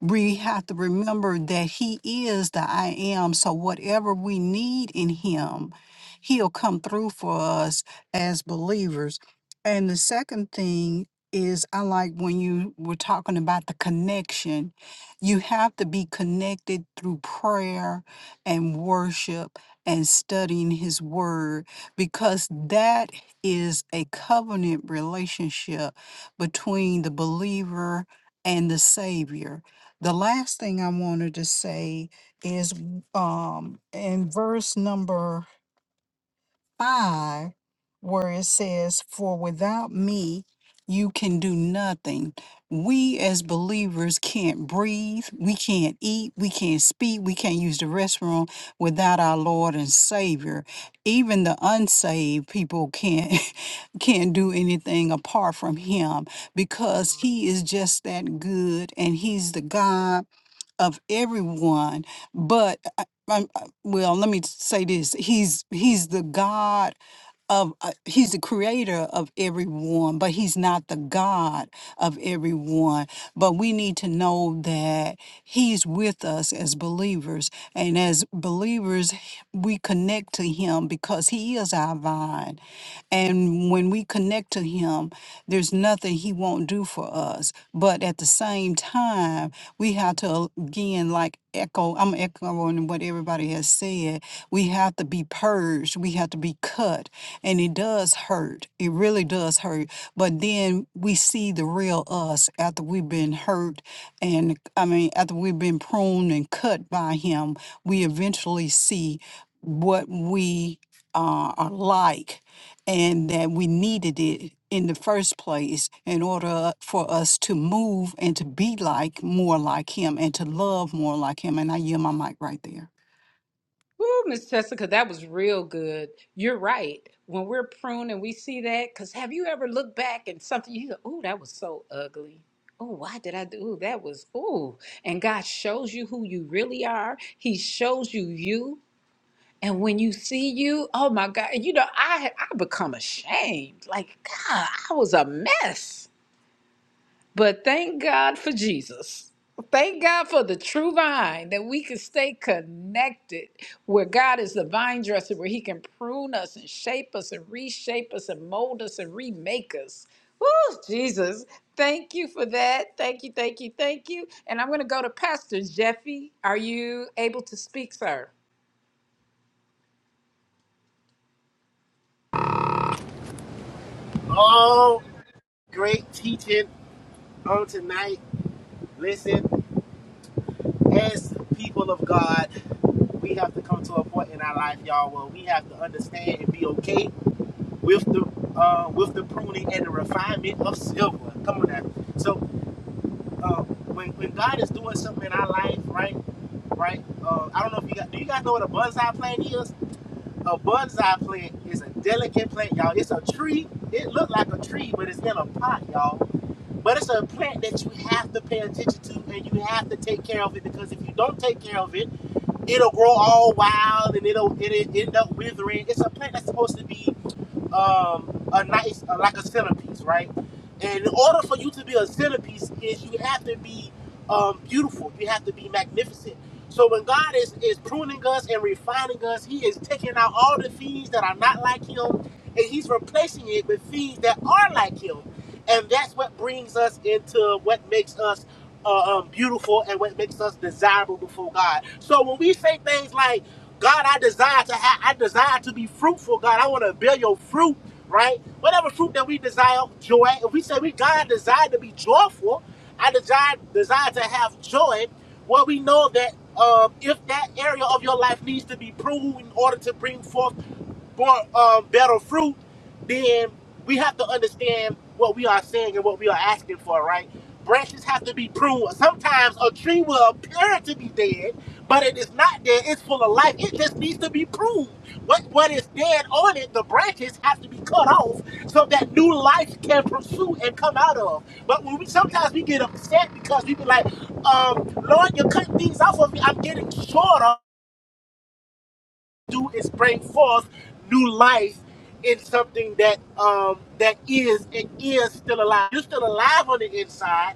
Speaker 7: we have to remember that He is the I am. So whatever we need in Him, He'll come through for us as believers. And the second thing is, I like when you were talking about the connection. You have to be connected through prayer and worship and studying His Word because that is a covenant relationship between the believer and the Savior the last thing I wanted to say is um, in verse number five, where it says, For without me, you can do nothing. We as believers can't breathe, we can't eat, we can't speak, we can't use the restroom without our Lord and Savior. Even the unsaved people can't (laughs) can't do anything apart from him because he is just that good and he's the God of everyone but I, I, I- well let me say this he's he's the god of uh, he's the creator of everyone but he's not the god of everyone but we need to know that he's with us as believers and as believers we connect to him because he is our vine and when we connect to him there's nothing he won't do for us but at the same time we have to again like echo i'm echoing what everybody has said we have to be purged we have to be cut and it does hurt it really does hurt but then we see the real us after we've been hurt and i mean after we've been pruned and cut by him we eventually see what we uh, are like and that we needed it in the first place in order for us to move and to be like more like him and to love more like him. And I yield my mic right there.
Speaker 1: Woo, Miss Jessica, that was real good. You're right. When we're pruning, we see that, because have you ever looked back and something you go, oh, that was so ugly. Oh, why did I do ooh, that? Was ooh, and God shows you who you really are. He shows you you, and when you see you, oh my God, you know I I become ashamed. Like God, I was a mess. But thank God for Jesus. Thank God for the true vine that we can stay connected where God is the vine dresser, where He can prune us and shape us and reshape us and mold us and remake us. Woo, Jesus. Thank you for that. Thank you, thank you, thank you. And I'm going to go to Pastor Jeffy. Are you able to speak, sir?
Speaker 2: Oh, great teaching on tonight. Listen. as people of God, we have to come to a point in our life, y'all, where we have to understand and be okay with the uh, with the pruning and the refinement of silver. Come on now. So uh, when when God is doing something in our life, right, right? Uh, I don't know if you got. Do you guys know what a bonsai plant is? A bonsai plant is a delicate plant, y'all. It's a tree. It looked like a tree, but it's in a pot, y'all. But it's a plant that you have to pay attention to and you have to take care of it because if you don't take care of it it'll grow all wild and it'll it'll end up withering. It's a plant that's supposed to be um, a nice uh, like a centerpiece, right? And in order for you to be a centerpiece, is you have to be um, beautiful. You have to be magnificent. So when God is is pruning us and refining us, He is taking out all the things that are not like Him, and He's replacing it with things that are like Him and that's what brings us into what makes us uh, um, beautiful and what makes us desirable before God. So when we say things like, "God, I desire to have, I desire to be fruitful, God, I want to bear your fruit," right? Whatever fruit that we desire, joy. If we say we God desire to be joyful, I desire desire to have joy. Well, we know that um, if that area of your life needs to be pruned in order to bring forth more um, better fruit, then we have to understand what we are saying and what we are asking for, right? Branches have to be pruned. Sometimes a tree will appear to be dead, but it is not dead. It's full of life. It just needs to be pruned. What what is dead on it, the branches have to be cut off so that new life can pursue and come out of. But when we sometimes we get upset because we be like, um, Lord, you're cutting things off of me. I'm getting shorter do is bring forth new life in something that um that is it is still alive. You're still alive on the inside,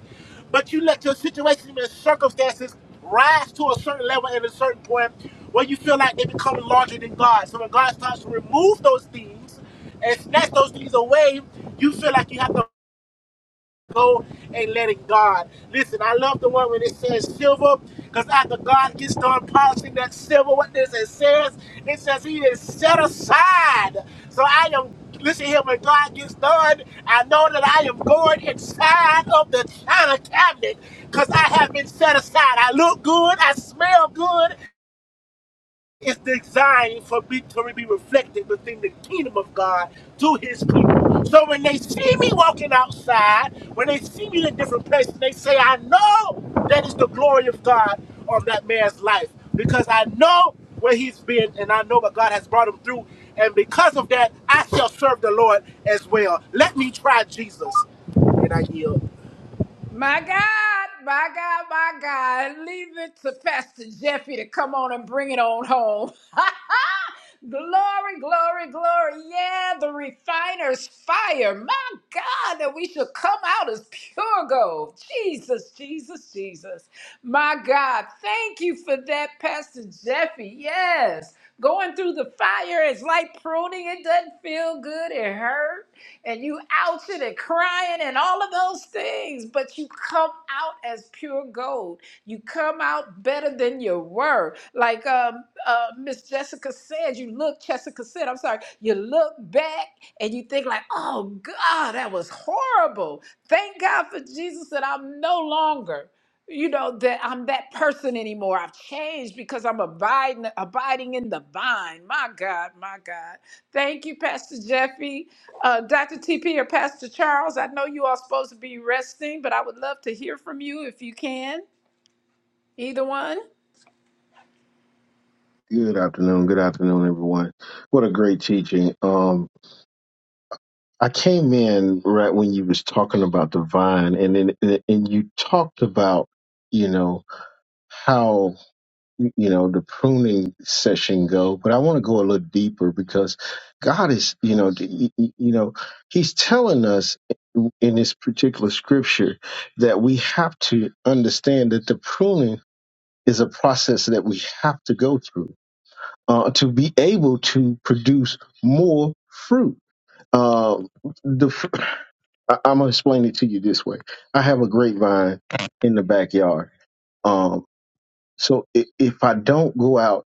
Speaker 2: but you let your situation and circumstances rise to a certain level at a certain point where you feel like they become larger than God. So when God starts to remove those things and snatch those things away, you feel like you have to go and letting God. Listen, I love the one when it says silver, because after God gets done polishing that silver, what does it says? It says he is set aside. So I am listen here when God gets done. I know that I am going inside of the china cabinet because I have been set aside. I look good, I smell good, it's designed for me to be reflected within the kingdom of God to his people. So when they see me walking outside, when they see me in a different place, they say, I know that is the glory of God on that man's life because I know where he's been and I know what God has brought him through. And because of that, I shall serve the Lord as well. Let me try Jesus. And I yield.
Speaker 1: My God, my God, my God. Leave it to Pastor Jeffy to come on and bring it on home. (laughs) glory, glory, glory. Yeah, the refiner's fire. My God, that we should come out as pure gold. Jesus, Jesus, Jesus. My God, thank you for that, Pastor Jeffy. Yes, going through the fire is like pruning. It doesn't feel good, it hurts and you outed and crying and all of those things, but you come out as pure gold. You come out better than you were. Like um, uh, Miss Jessica said, you look, Jessica said, I'm sorry, you look back and you think like, oh God, that was horrible. Thank God for Jesus that I'm no longer you know that I'm that person anymore. I've changed because I'm abiding abiding in the vine. My God, my God. Thank you, Pastor Jeffy, uh, Dr. TP, or Pastor Charles. I know you are supposed to be resting, but I would love to hear from you if you can. Either one.
Speaker 3: Good afternoon. Good afternoon, everyone. What a great teaching. Um, I came in right when you was talking about the vine, and then and you talked about, you know, how you know the pruning session go but i want to go a little deeper because god is you know d- y- y- you know he's telling us in this particular scripture that we have to understand that the pruning is a process that we have to go through uh, to be able to produce more fruit uh, the fr- (clears throat) I- i'm going to explain it to you this way i have a grapevine in the backyard um, so i if i don't go out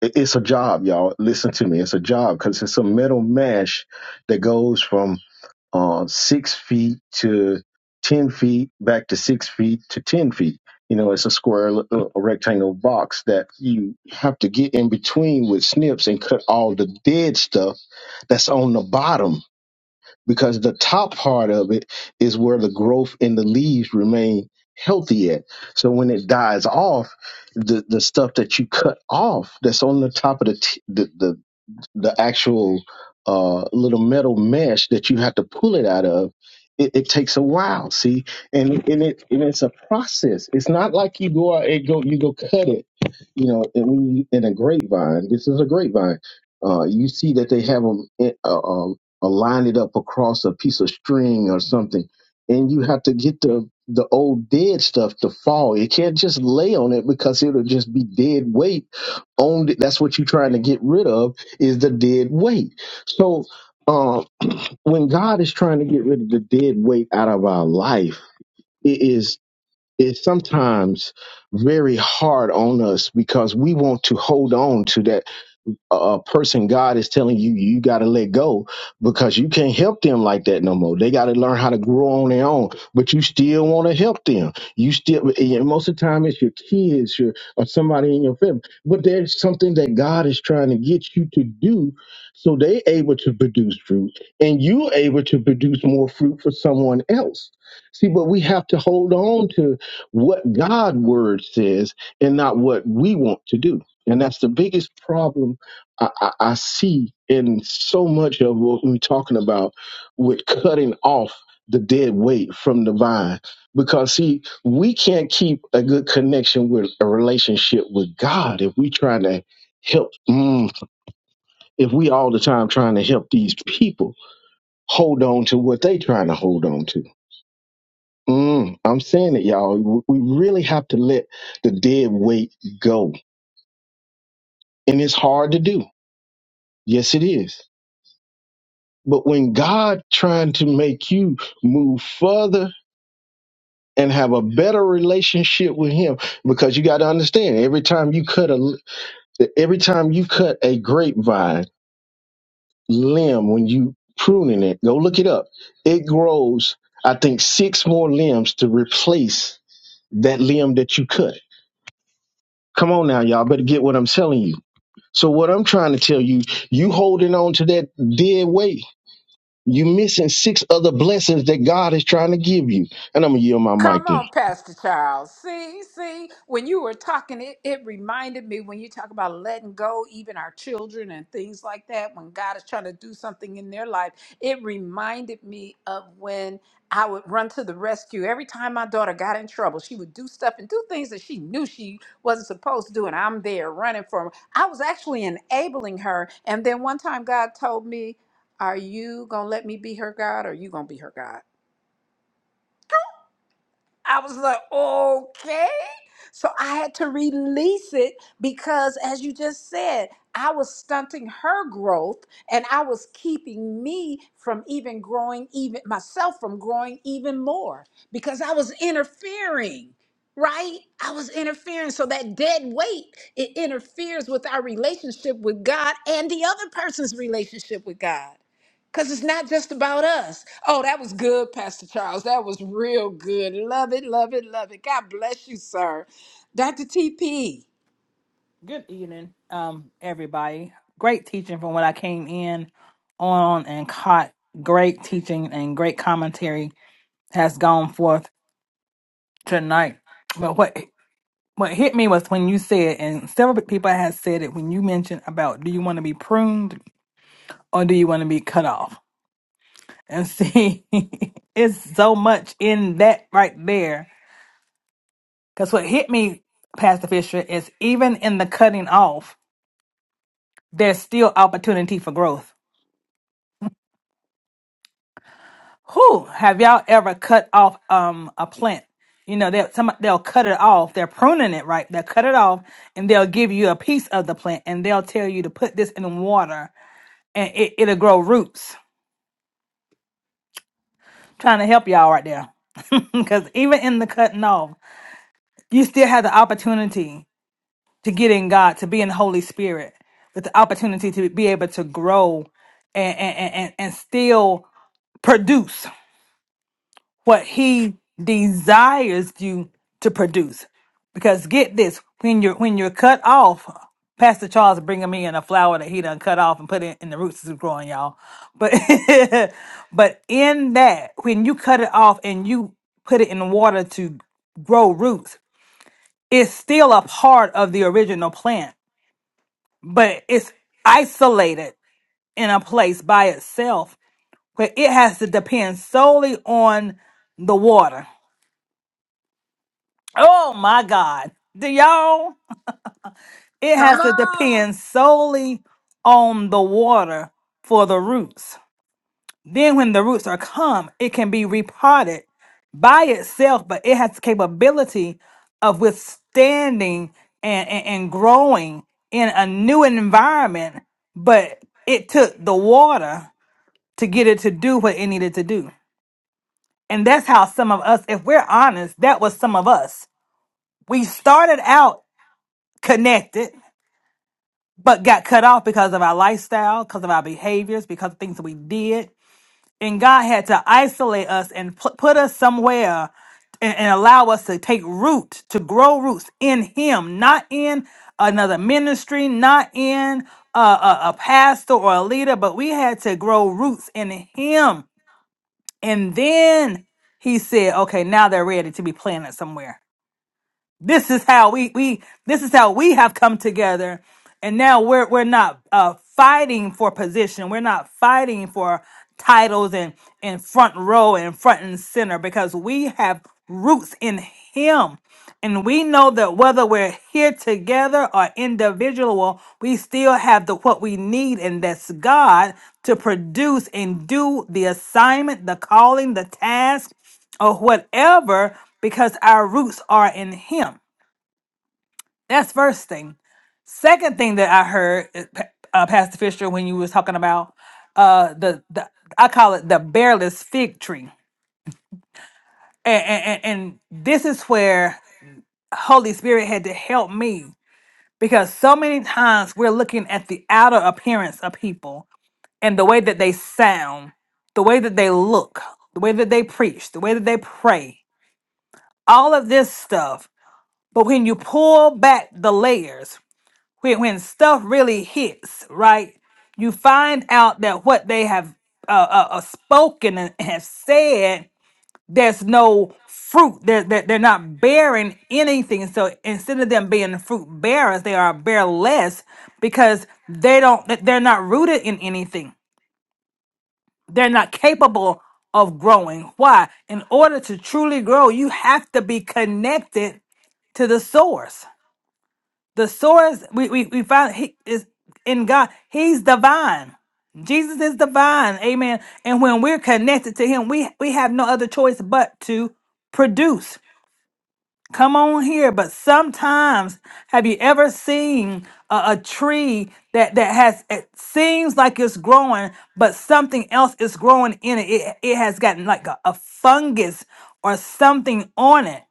Speaker 3: it- It's a job, y'all. Listen to me. It's a job because it's a metal mesh that goes from uh, six feet to 10 feet, back to six feet to 10 feet. You know, it's a square, l- uh, a rectangle box that you have to get in between with snips and cut all the dead stuff that's on the bottom because the top part of it is where the growth in the leaves remain healthy at. So when it dies off, the, the stuff that you cut off that's on the top of the, t- the, the the actual uh, little metal mesh that you have to pull it out of, it, it takes a while. See, and and it and it's a process. It's not like you go out and go you go cut it. You know, and when you, in a grapevine, this is a grapevine. Uh, you see that they have them uh, um, uh, line it up across a piece of string or something, and you have to get the the old dead stuff to fall. You can't just lay on it because it'll just be dead weight on it. That's what you're trying to get rid of is the dead weight. So um, when God is trying to get rid of the dead weight out of our life, it is it's sometimes very hard on us because we want to hold on to that a person God is telling you you got to let go because you can't help them like that no more. They got to learn how to grow on their own, but you still want to help them. You still and most of the time it's your kids your, or somebody in your family, but there's something that God is trying to get you to do so they able to produce fruit and you able to produce more fruit for someone else. See, but we have to hold on to what God word says and not what we want to do. And that's the biggest problem I, I, I see in so much of what we're talking about with cutting off the dead weight from the vine. Because, see, we can't keep a good connection with a relationship with God if we try to help, mm, if we all the time trying to help these people hold on to what they trying to hold on to. Mm, I'm saying it, y'all. We really have to let the dead weight go. And it's hard to do. Yes, it is But when God trying to make you move further and have a better relationship with Him, because you got to understand, every time you cut a every time you cut a grapevine limb when you pruning it, go look it up. It grows, I think, six more limbs to replace that limb that you cut. Come on now, y'all, better get what I'm telling you. So what I'm trying to tell you, you holding on to that dead weight You're missing six other blessings that God is trying to give you. And I'm gonna yield my mic
Speaker 1: Come
Speaker 3: there.
Speaker 1: on, Pastor Charles. See, see, when you were talking, it, it reminded me when you talk about letting go, even our children and things like that, when God is trying to do something in their life, it reminded me of when I would run to the rescue. Every time my daughter got in trouble, she would do stuff and do things that she knew she wasn't supposed to do, and I'm there running for her. I was actually enabling her. And then one time, God told me, Are you going to let me be her God or are you going to be her God? I was like, okay. So I had to release it because, as you just said, I was stunting her growth and I was keeping me from even growing, even myself from growing even more because I was interfering, right? I was interfering. So that dead weight, it interferes with our relationship with God and the other person's relationship with God. Because it's not just about us. Oh, that was good, Pastor Charles. That was real good. Love it, love it, love it. God bless you, sir. Dr. TP,
Speaker 8: Good evening, um, everybody. Great teaching from what I came in on and caught. Great teaching and great commentary has gone forth tonight. But what what hit me was when you said, and several people had said it when you mentioned about do you want to be pruned or do you want to be cut off? And see, (laughs) it's so much in that right there. Because what hit me, Pastor Fisher, is even in the cutting off, there's still opportunity for growth Who have y'all ever cut off um a plant? You know, they'll some they'll cut it off. They're pruning it, right? They'll cut it off and they'll give you a piece of the plant and they'll tell you to put this in water and it, it'll grow roots. trying to help y'all right there. (laughs) Because even in the cutting off, you still have the opportunity to get in God, to be in the Holy Spirit, with the opportunity to be able to grow and and, and, and and still produce. what he desires you to produce. Because get this, when you're when you're cut off, Pastor Charles bringing me in a flower that he done cut off and put it in the roots is growing, y'all. But (laughs) but in that, when you cut it off and you put it in the water to grow roots, it's still a part of the original plant, but it's isolated in a place by itself where it has to depend solely on the water Oh my God. Do y'all? It
Speaker 1: come
Speaker 8: has to
Speaker 1: on.
Speaker 8: depend solely on the water for the roots. Then when the roots are come, it can be repotted by itself, but it has the capability of withstanding and, and, and growing in a new environment. But it took the water to get it to do what it needed to do. And that's how some of us, if we're honest, that was some of us. We started out connected but got cut off because of our lifestyle, because of our behaviors, because of things that we did. And God had to isolate us and pu- put us somewhere and, and allow us to take root, to grow roots in Him, not in another ministry, not in a, a, a pastor or a leader, but we had to grow roots in Him. And then He said, okay, now they're ready to be planted somewhere. This is how we we this is how we have come together, and now we're we're not uh, fighting for position. We're not fighting for titles and and front row and front and center because we have roots in Him, and we know that whether we're here together or individual, we still have the what we need, and that's God to produce and do the assignment, the calling, the task or whatever because our roots are in him that's first thing second thing that i heard uh, Pa- uh, pastor fisher when you was talking about uh the, the i call it the bearless fig tree and, and and and this is where holy spirit had to help me because so many times we're looking at the outer appearance of people and the way that they sound the way that they look the way that they preach the way that they pray all of this stuff But when you pull back the layers, when, when stuff really hits, right, you find out that what they have uh, uh, uh, spoken and have said, there's no fruit. They're, they're, they're not bearing anything. So instead of them being fruit bearers, they are bearless because they don't. they- They're not rooted in anything. They're not capable of growing. Why? In order to truly grow, you have to be connected to the source. The source we we, we find he is in God. He's divine. Jesus is divine. Amen. And when we're connected to him, we we have no other choice but to produce. Come on here, but sometimes have you ever seen a, a tree that that has it seems like it's growing, but something else is growing in it. It, it has gotten like a a fungus or something on it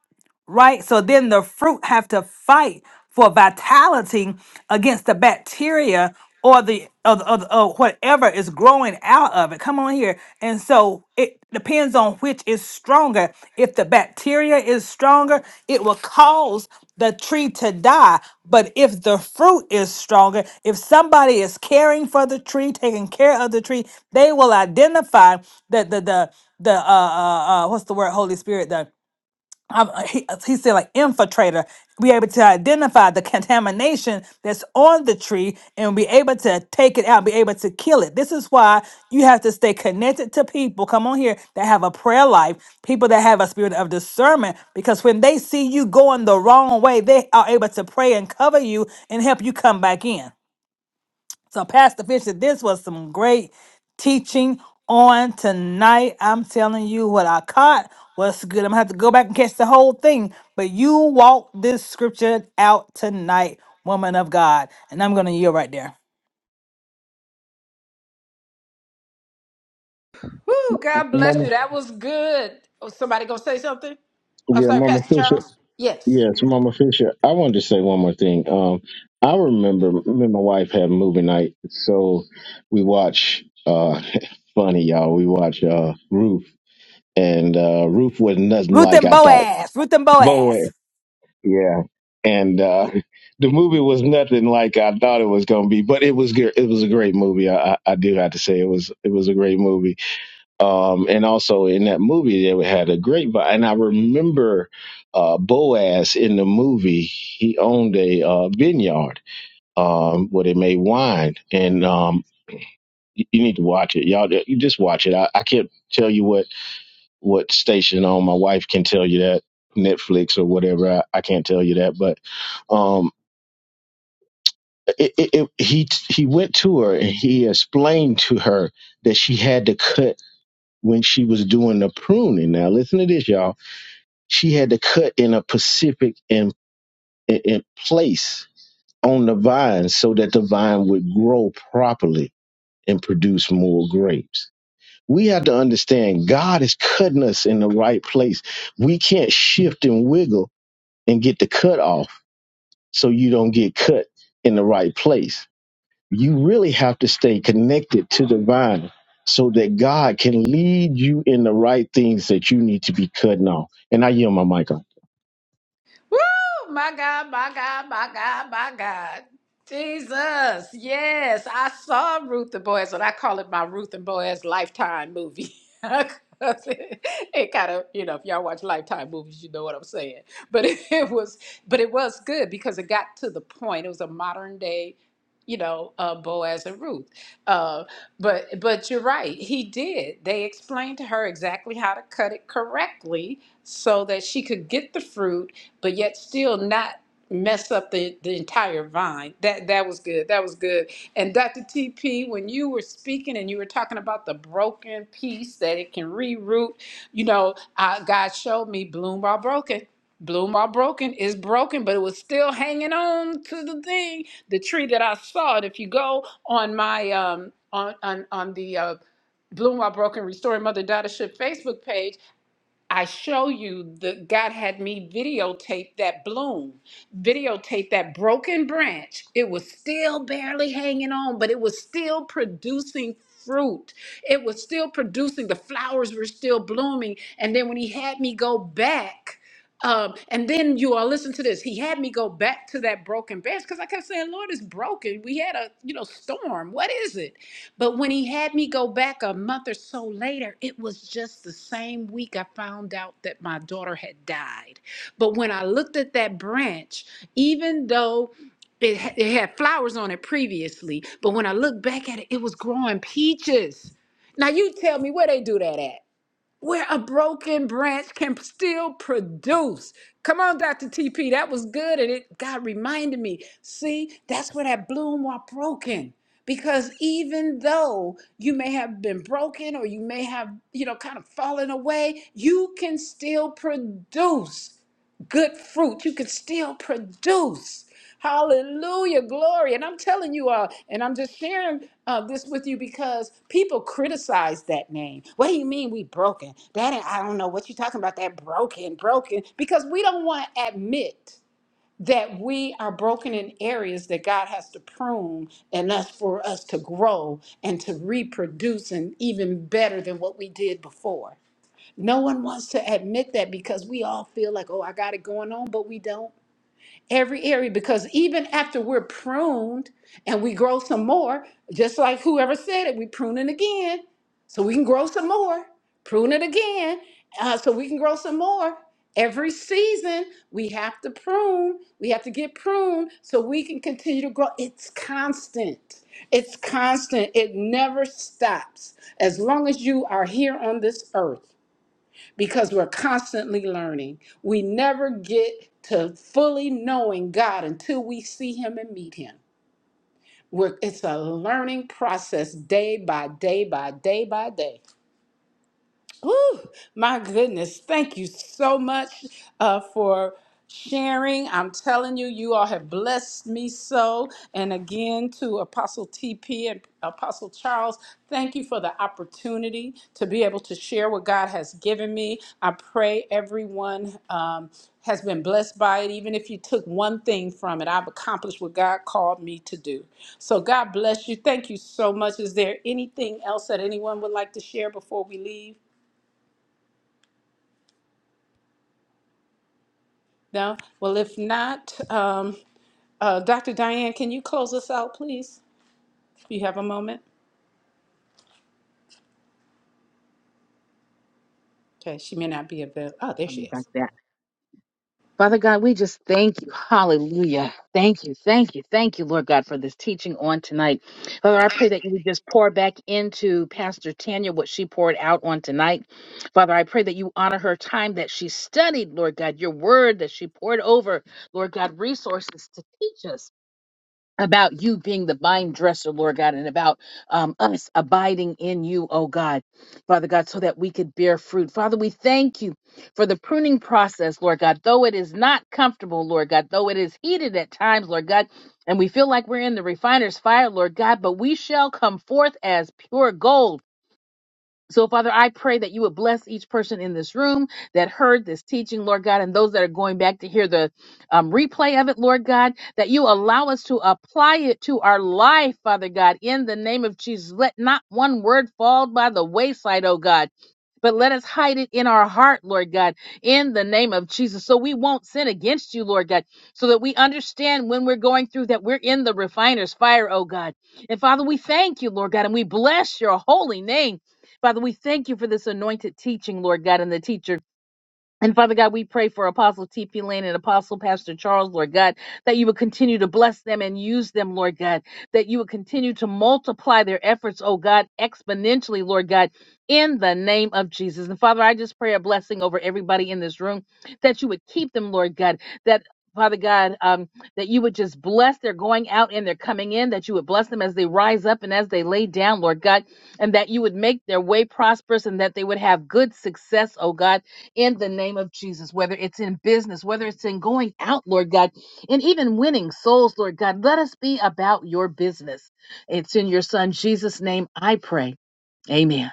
Speaker 8: right? So then the fruit have to fight for vitality against the bacteria or the or, the- or, the- or whatever is growing out of it. Come on here. And so it depends on which is stronger. If the bacteria is stronger, it will cause the tree to die. But if the fruit is stronger, if somebody is caring for the tree, taking care of the tree, they will identify that the the the uh, uh uh what's the word Holy Spirit the um, uh, he, uh, he said like infiltrator be able to identify the contamination that's on the tree and be able to take it out be able to kill it this is why you have to stay connected to people come on here that have a prayer life people that have a spirit of discernment because when they see you going the wrong way they are able to pray and cover you and help you come back in so, Pastor Fisher, this was some great teaching on tonight. I'm telling you what I caught was good. I'm gonna have to go back and catch the whole thing. But you walk this scripture out tonight, woman of God. And I'm gonna yield right there.
Speaker 1: Woo, God bless
Speaker 3: Mama,
Speaker 1: you. That was good. Oh, somebody going to say something? I'm
Speaker 3: yeah,
Speaker 1: sorry,
Speaker 3: Mama
Speaker 1: Pastor
Speaker 3: Fisher.
Speaker 1: Charles? Yes.
Speaker 3: Yes, Mama Fisher. I wanted to say one more thing. Um, I remember me and my wife had movie night, so we watch. Uh, (laughs) funny y'all, we watch uh Roof, and uh Roof was nothing
Speaker 8: Ruth
Speaker 3: like
Speaker 8: and
Speaker 3: I thought.
Speaker 8: Boaz. Ruth and Boaz.
Speaker 3: Boy, yeah, and uh (laughs) the movie was nothing like I thought it was gonna be, but it was good. It was a great movie. I, I I do have to say it was it was a great movie um, and also in that movie they had a great vibe. And I remember uh, Boaz in the movie; he owned a uh, vineyard um, where they made wine, and um, you you need to watch it, y'all. You just watch it. I, I can't tell you what what station on. My wife can tell you that Netflix or whatever. I, I can't tell you that, but um, it, it, it, he he went to her and he explained to her that she had to cut when she was doing the pruning. Now listen to this, y'all she had to cut in a specific in, in, in place on the vine so that the vine would grow properly and produce more grapes. We have to understand God is cutting us in the right place. We can't shift and wiggle and get the cut off so you don't get cut in the right place. You really have to stay connected to the vine so that God can lead you in the right things that you need to be cutting off. And I yield my mic
Speaker 1: Woo! My God, my God, my God, my God. Jesus. Yes, I saw Ruth and Boaz, and I call it my Ruth and Boaz lifetime movie. (laughs) 'Cause it, kind of, you know, if y'all watch lifetime movies, you know what I'm saying. But (laughs) it, it was but it was good because it got to the point. It was a modern day, you know, uh, Boaz and Ruth. Uh, but but you're right. He did. They explained to her exactly how to cut it correctly so that she could get the fruit but yet still not mess up the, the entire vine. That that was good. That was good. And Dr. TP, when you were speaking and you were talking about the broken piece that it can reroot, you know, uh, God showed me bloom while broken. Bloom while broken is broken, but it was still hanging on to the thing, the tree that I saw. And if you go on my um on on on the uh Bloom While Broken Restoring Mother Daughtership Facebook page, I show you that God had me videotape that bloom, videotape that broken branch. It was still barely hanging on, but it was still producing fruit. It was still producing. The flowers were still blooming. And then when he had me go back, um, and then you all listen to this. He had me go back to that broken branch because I kept saying, "Lord, it's broken. We had a you know storm. What is it?" But when he had me go back a month or so later, it was just the same week out that my daughter had died. But when I looked at that, even though it, ha- it had flowers on it, it was growing peaches. Now you tell me where they do that at. Where a broken branch can still produce. Come on, Dr. TP, that was good. And it God reminded me. See, that's where that bloom was broken. Because even though you may have been broken or you may have, you know, kind of fallen away, you can still produce. good fruit. You can still produce. Hallelujah, glory. And I'm telling you all, and I'm just sharing uh, this with you because people criticize that name. What do you mean we broken? I don't know what you're talking about, that broken, broken. Because we don't want to admit that working is to prune, to, to reproduce, and even better than we did before. Admit that, oh, feel like I got it going on, but we don't. every area because even after we're pruned and we grow some more, just like whoever said it, we prune it again so we can grow some more, prune it again uh, so we can grow some more. Every season, we have to prune, we have to get pruned so we can continue to grow. It's constant. It's constant. It never stops. As long as you are here on this earth, because we're constantly learning. We never get to fully knowing God until we see Him and meet Him. We're, it's a learning process day by day by day by day. Whew, my goodness. Thank you so much uh, for sharing. I'm telling you, you all have blessed me so. And again, to Apostle TP and Apostle Charles, thank you for the opportunity to be able to share what God has given me. I pray everyone. Um, has been blessed by it, even if you took one thing from it. I've accomplished what God called me to do. So, God bless you. Thank you so much. Is there anything else that anyone would like to share before we leave? No? Well, if not, um, uh, Dr. Diane, can you close us out, please? you have a moment? Okay, she may not be available. Oh, there
Speaker 6: Sorry
Speaker 1: she is.
Speaker 6: about that. Father God, we just thank you. Hallelujah. Thank you. Thank you. Thank you, Lord God, for this teaching on tonight. Father, I pray that you would just pour back into Pastor Tanya what she poured out on tonight. Father, I pray that you honor her time that she studied, Lord God, your word that she poured over, Lord God, resources to teach us. about you being the vine dresser, Lord God, and about um, us abiding in you, oh God, Father God, so that we could bear fruit. Father, we thank you for the pruning process, Lord God, though it is not comfortable, Lord God, though it is heated at times, Lord God, and we feel like we're in the refiner's fire, Lord God, but we shall come forth as pure gold so, Father, I pray that you would bless each person in this room that heard this teaching, Lord God, and those that are going back to hear the um, replay of it, Lord God, that you allow us to apply it to our life, Father God, in the name of Jesus. Let not one word fall by the wayside, oh God. But let us hide it in our heart, Lord God, in the name of Jesus, so we won't sin against you, Lord God, so that we understand when we're going through that we're in the refiner's fire, oh God. And Father, we thank you, Lord God, and we bless your holy name. Father, we thank you for this anointed teaching, Lord God, and the teacher and Father God, we pray for Apostle T.P. Lane and Apostle Pastor Charles, Lord God, that you would continue to bless them and use them, Lord God, that you would continue to multiply their efforts, oh God, exponentially, Lord God, in the name of Jesus. And Father, I just pray a blessing over everybody in this room, that you would keep them, Lord God, that Father God, um, that you would just bless their going out and their coming in, that you would bless them as they rise up and as they lay down, Lord God, and that you would make their way prosperous and that they would have good success, oh God in the name of Jesus, whether it's in business, whether it's in going out, Lord God, and even winning souls, Lord God. Let us be about your business. It's in your Son, Jesus' name, I pray. Amen.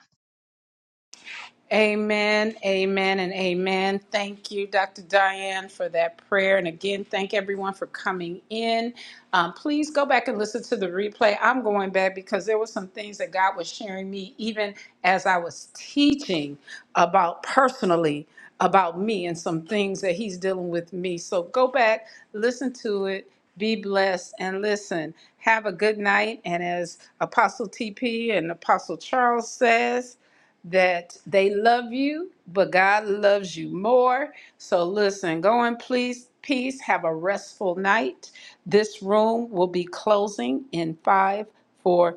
Speaker 1: Amen, amen, and amen. Thank you, Dr. Diane, for that prayer. And again, thank everyone for coming in. Um, please go back and listen to the replay. I'm going back because there were some things that God was sharing me, even as I was teaching about personally about me and some things that He's dealing with me. So go back, listen to it, be blessed, and listen. Have a good night. And as Apostle TP and Apostle Charles says, that they love you, but God loves you more. So listen, go in please peace. Have a restful night. This room will be closing in five, four,